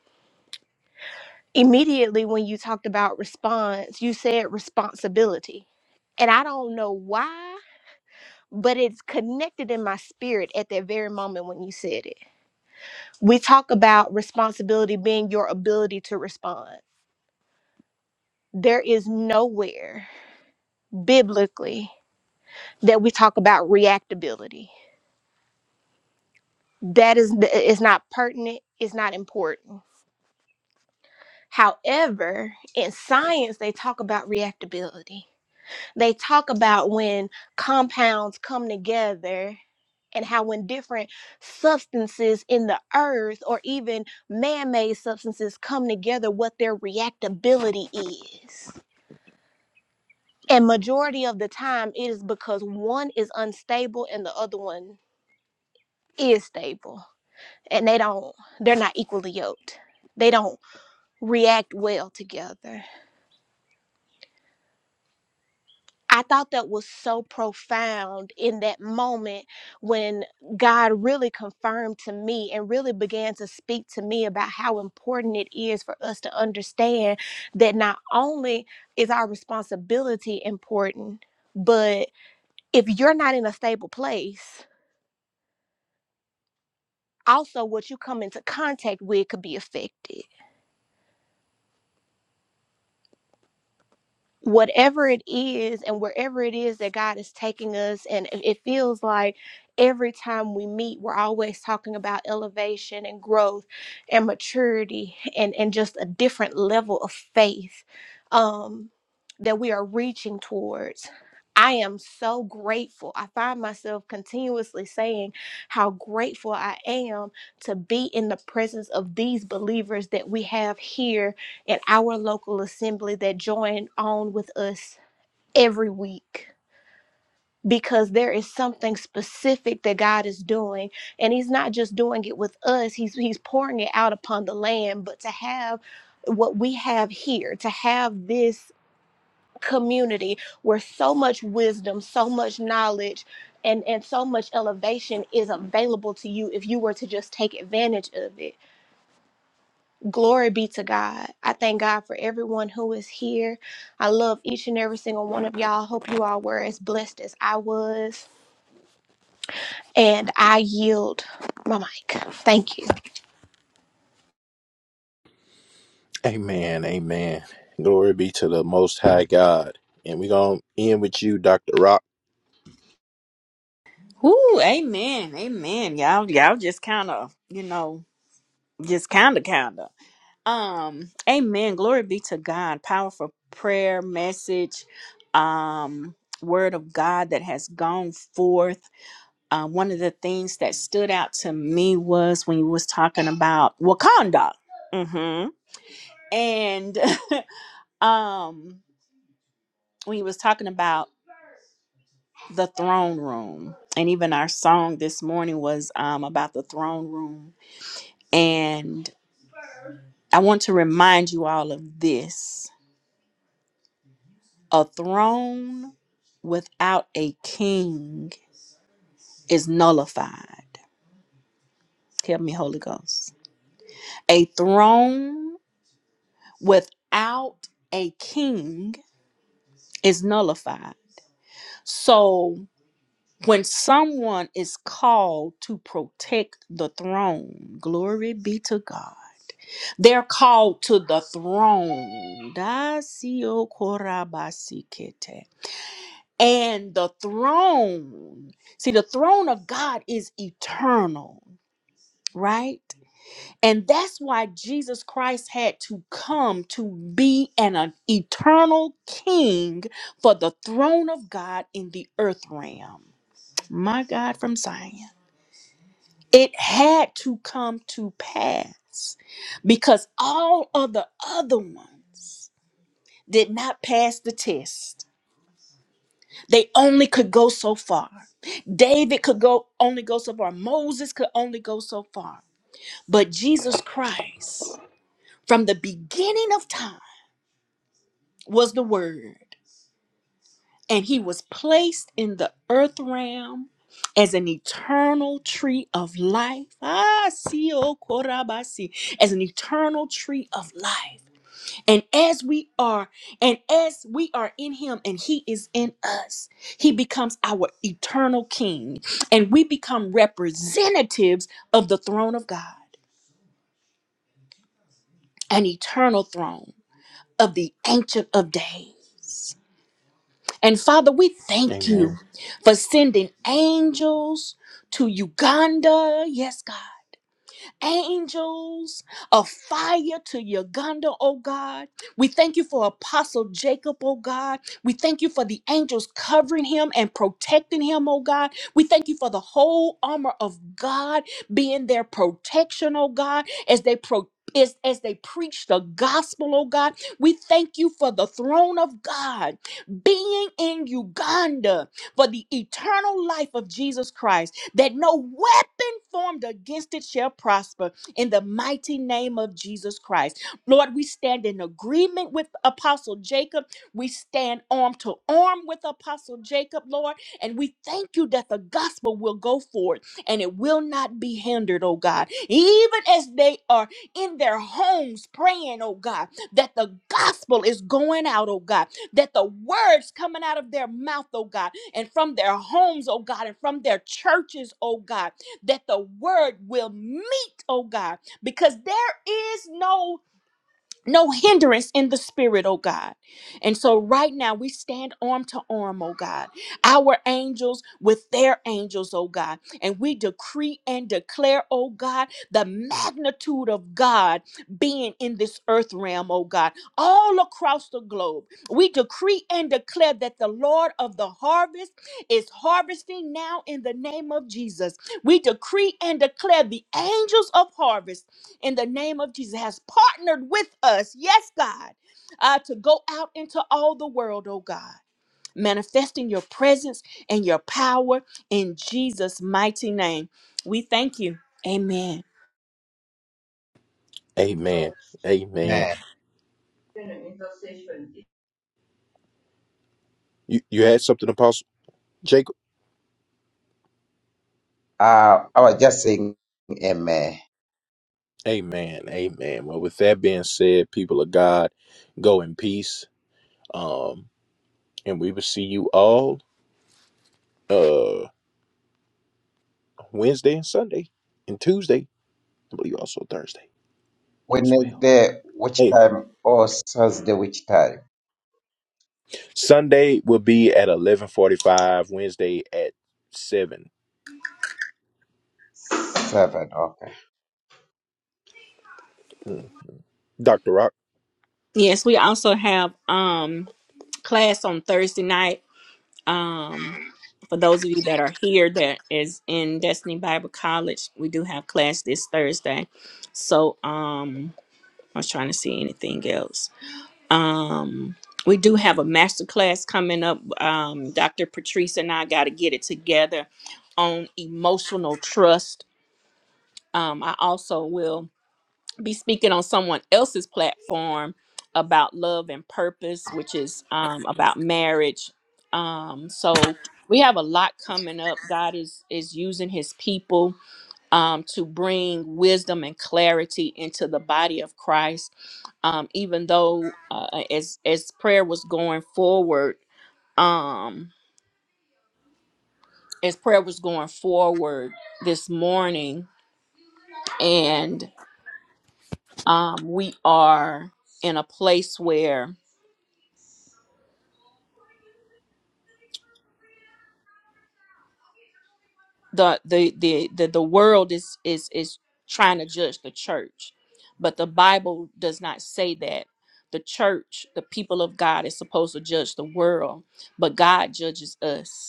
Speaker 7: Immediately, when you talked about response, you said responsibility. And I don't know why but it's connected in my spirit at that very moment when you said it. We talk about responsibility being your ability to respond. There is nowhere biblically that we talk about reactability. That is, it's not pertinent, it's not important. However, in science, they talk about reactability. They talk about when compounds come together and how when different substances in the earth or even man-made substances come together what their reactability is and majority of the time it is because one is unstable and the other one is stable and they don't they're not equally yoked they don't react well together I thought that was so profound in that moment when God really confirmed to me and really began to speak to me about how important it is for us to understand that not only is our responsibility important, but if you're not in a stable place, also what you come into contact with could be affected. whatever it is and wherever it is that God is taking us. And it it feels like every time we meet, we're always talking about elevation and growth and maturity and, and just a different level of faith um, that we are reaching towards. I am so grateful. I find myself continuously saying how grateful I am to be in the presence of these believers that we have here at our local assembly that join on with us every week because there is something specific that God is doing and he's not just doing it with us he's he's pouring it out upon the land but to have what we have here to have this community where so much wisdom so much knowledge and and so much elevation is available to you if you were to just take advantage of it Glory be to God. I thank God for everyone who is here. I love each and every single one of y'all. Hope you all were as blessed as I was. And I yield my mic. Thank you.
Speaker 2: Amen. Amen. Glory be to the Most High God. And we're going to end with you, Dr. Rob.
Speaker 1: Ooh, amen. Amen. Y'all y'all just kind of, you know, just kind of kind of. Um, amen. Glory be to God. Powerful prayer message, um, word of God that has gone forth. Uh, one of the things that stood out to me was when you was talking about Wakanda. hmm And um when you was talking about the throne room. And even our song this morning was um about the throne room. And I want to remind you all of this. A throne without a king is nullified. Help me, Holy Ghost. A throne without a king is nullified. So when someone is called to protect the throne, glory be to God. They're called to the throne. Dasio korabasikete. and the throne. See, the throne of God is eternal, right? And that's why Jesus Christ had to come to be an, an eternal king for the throne of God in the earth realm. My God from Zion. It had to come to pass because all of the other ones did not pass the test. They only could go so far. David could go only go so far. Moses could only go so far. But Jesus Christ, from the beginning of time, was the word. And he was placed in the earth realm as an eternal tree of life. Ah, see, oh, korabasi, as an eternal tree of life. And as we are, and as we are in him and he is in us, he becomes our eternal king. And we become representatives of the throne of God, an eternal throne of the ancient of days. And Father, we thank you
Speaker 2: Amen.
Speaker 1: for sending angels to Uganda. Yes, God. angels of fire to Uganda, oh God. We thank you for Apostle Jacob, oh God. We thank you for the angels covering him and protecting him, oh God. We thank you for the whole armor of God being their protection, oh God, as they pro- as, as they preach the gospel, oh God, we thank you for the throne of God being in Uganda for the eternal life of Jesus Christ that no weapon formed against it shall prosper in the mighty name of Jesus Christ. Lord, we stand in agreement with Apostle Jacob. We stand arm to arm with Apostle Jacob, Lord, and we thank you that the gospel will go forward and it will not be hindered, oh God. Even as they are in their homes praying, oh God, that the gospel is going out, oh God, that the words coming out of their mouth, oh God, and from their homes, oh God, and from their churches, oh God, that the word will meet, oh God, because there is no no hindrance in the spirit, oh God. And so right now we stand arm to arm, oh God, our angels with their angels, oh God. And we decree and declare, oh God, the magnitude of God being in this earth realm, oh God, all across the globe. We decree and declare that the Lord of the harvest is harvesting now in the name of Jesus. We decree and declare the angels of harvest in the name of Jesus has partnered with us, yes, God, uh, to go out into all the world, oh God, manifesting your presence and your power in Jesus' mighty name. We thank you. Amen.
Speaker 2: Amen. Amen.
Speaker 4: Eh,
Speaker 2: You you had something, Apostle Jacob?
Speaker 4: Uh, I was just saying, Amen.
Speaker 2: Amen. Amen. Well, with that being said, people of God, go in peace. Um, and we will see you all uh Wednesday and Sunday and Tuesday. I believe also Thursday as well.
Speaker 4: Wednesday, which
Speaker 2: Hey.
Speaker 4: time? Or Thursday, which time?
Speaker 2: Sunday will be at eleven forty five. Wednesday at seven.
Speaker 4: Seven. oh.
Speaker 2: Mm. Doctor Rock.
Speaker 1: Yes, we also have um class on Thursday night. Um for those of you that are here that is in Destiny Bible College, we do have class this Thursday. So um I was trying to see anything else. Um, we do have a master class coming up. Um, Dr. Patrice and I got to get it together on emotional trust. Um, I also will be speaking on someone else's platform about love and purpose, which is um, about marriage. Um, so we have a lot coming up. God is is using His people um, to bring wisdom and clarity into the body of Christ. Um, even though uh, as as prayer was going forward, um, as prayer was going forward this morning, and um, we are in a place where the the the the, the world is is is trying to judge the church but the bible does not say that the church the people of god is supposed to judge the world but god judges us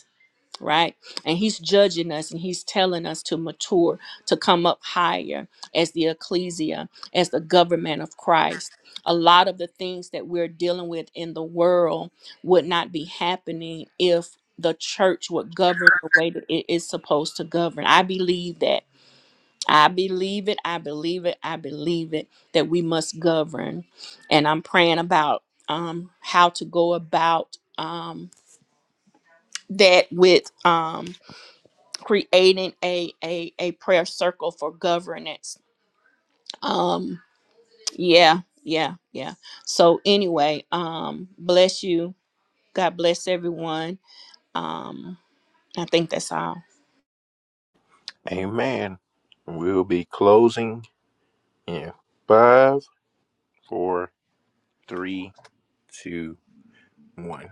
Speaker 1: right? And he's judging us and he's telling us to mature, to come up higher as the ecclesia, as the government of Christ. A lot of the things that we're dealing with in the world would not be happening if the church would govern the way that it is supposed to govern. I believe that. I believe it. I believe it. I believe it that we must govern. And I'm praying about um, how to go about um, that with. Um, creating a a, a prayer circle for governance um yeah yeah yeah so anyway um bless you god bless everyone um i think that's all
Speaker 2: Amen. We'll be closing in five, four, three, two, one.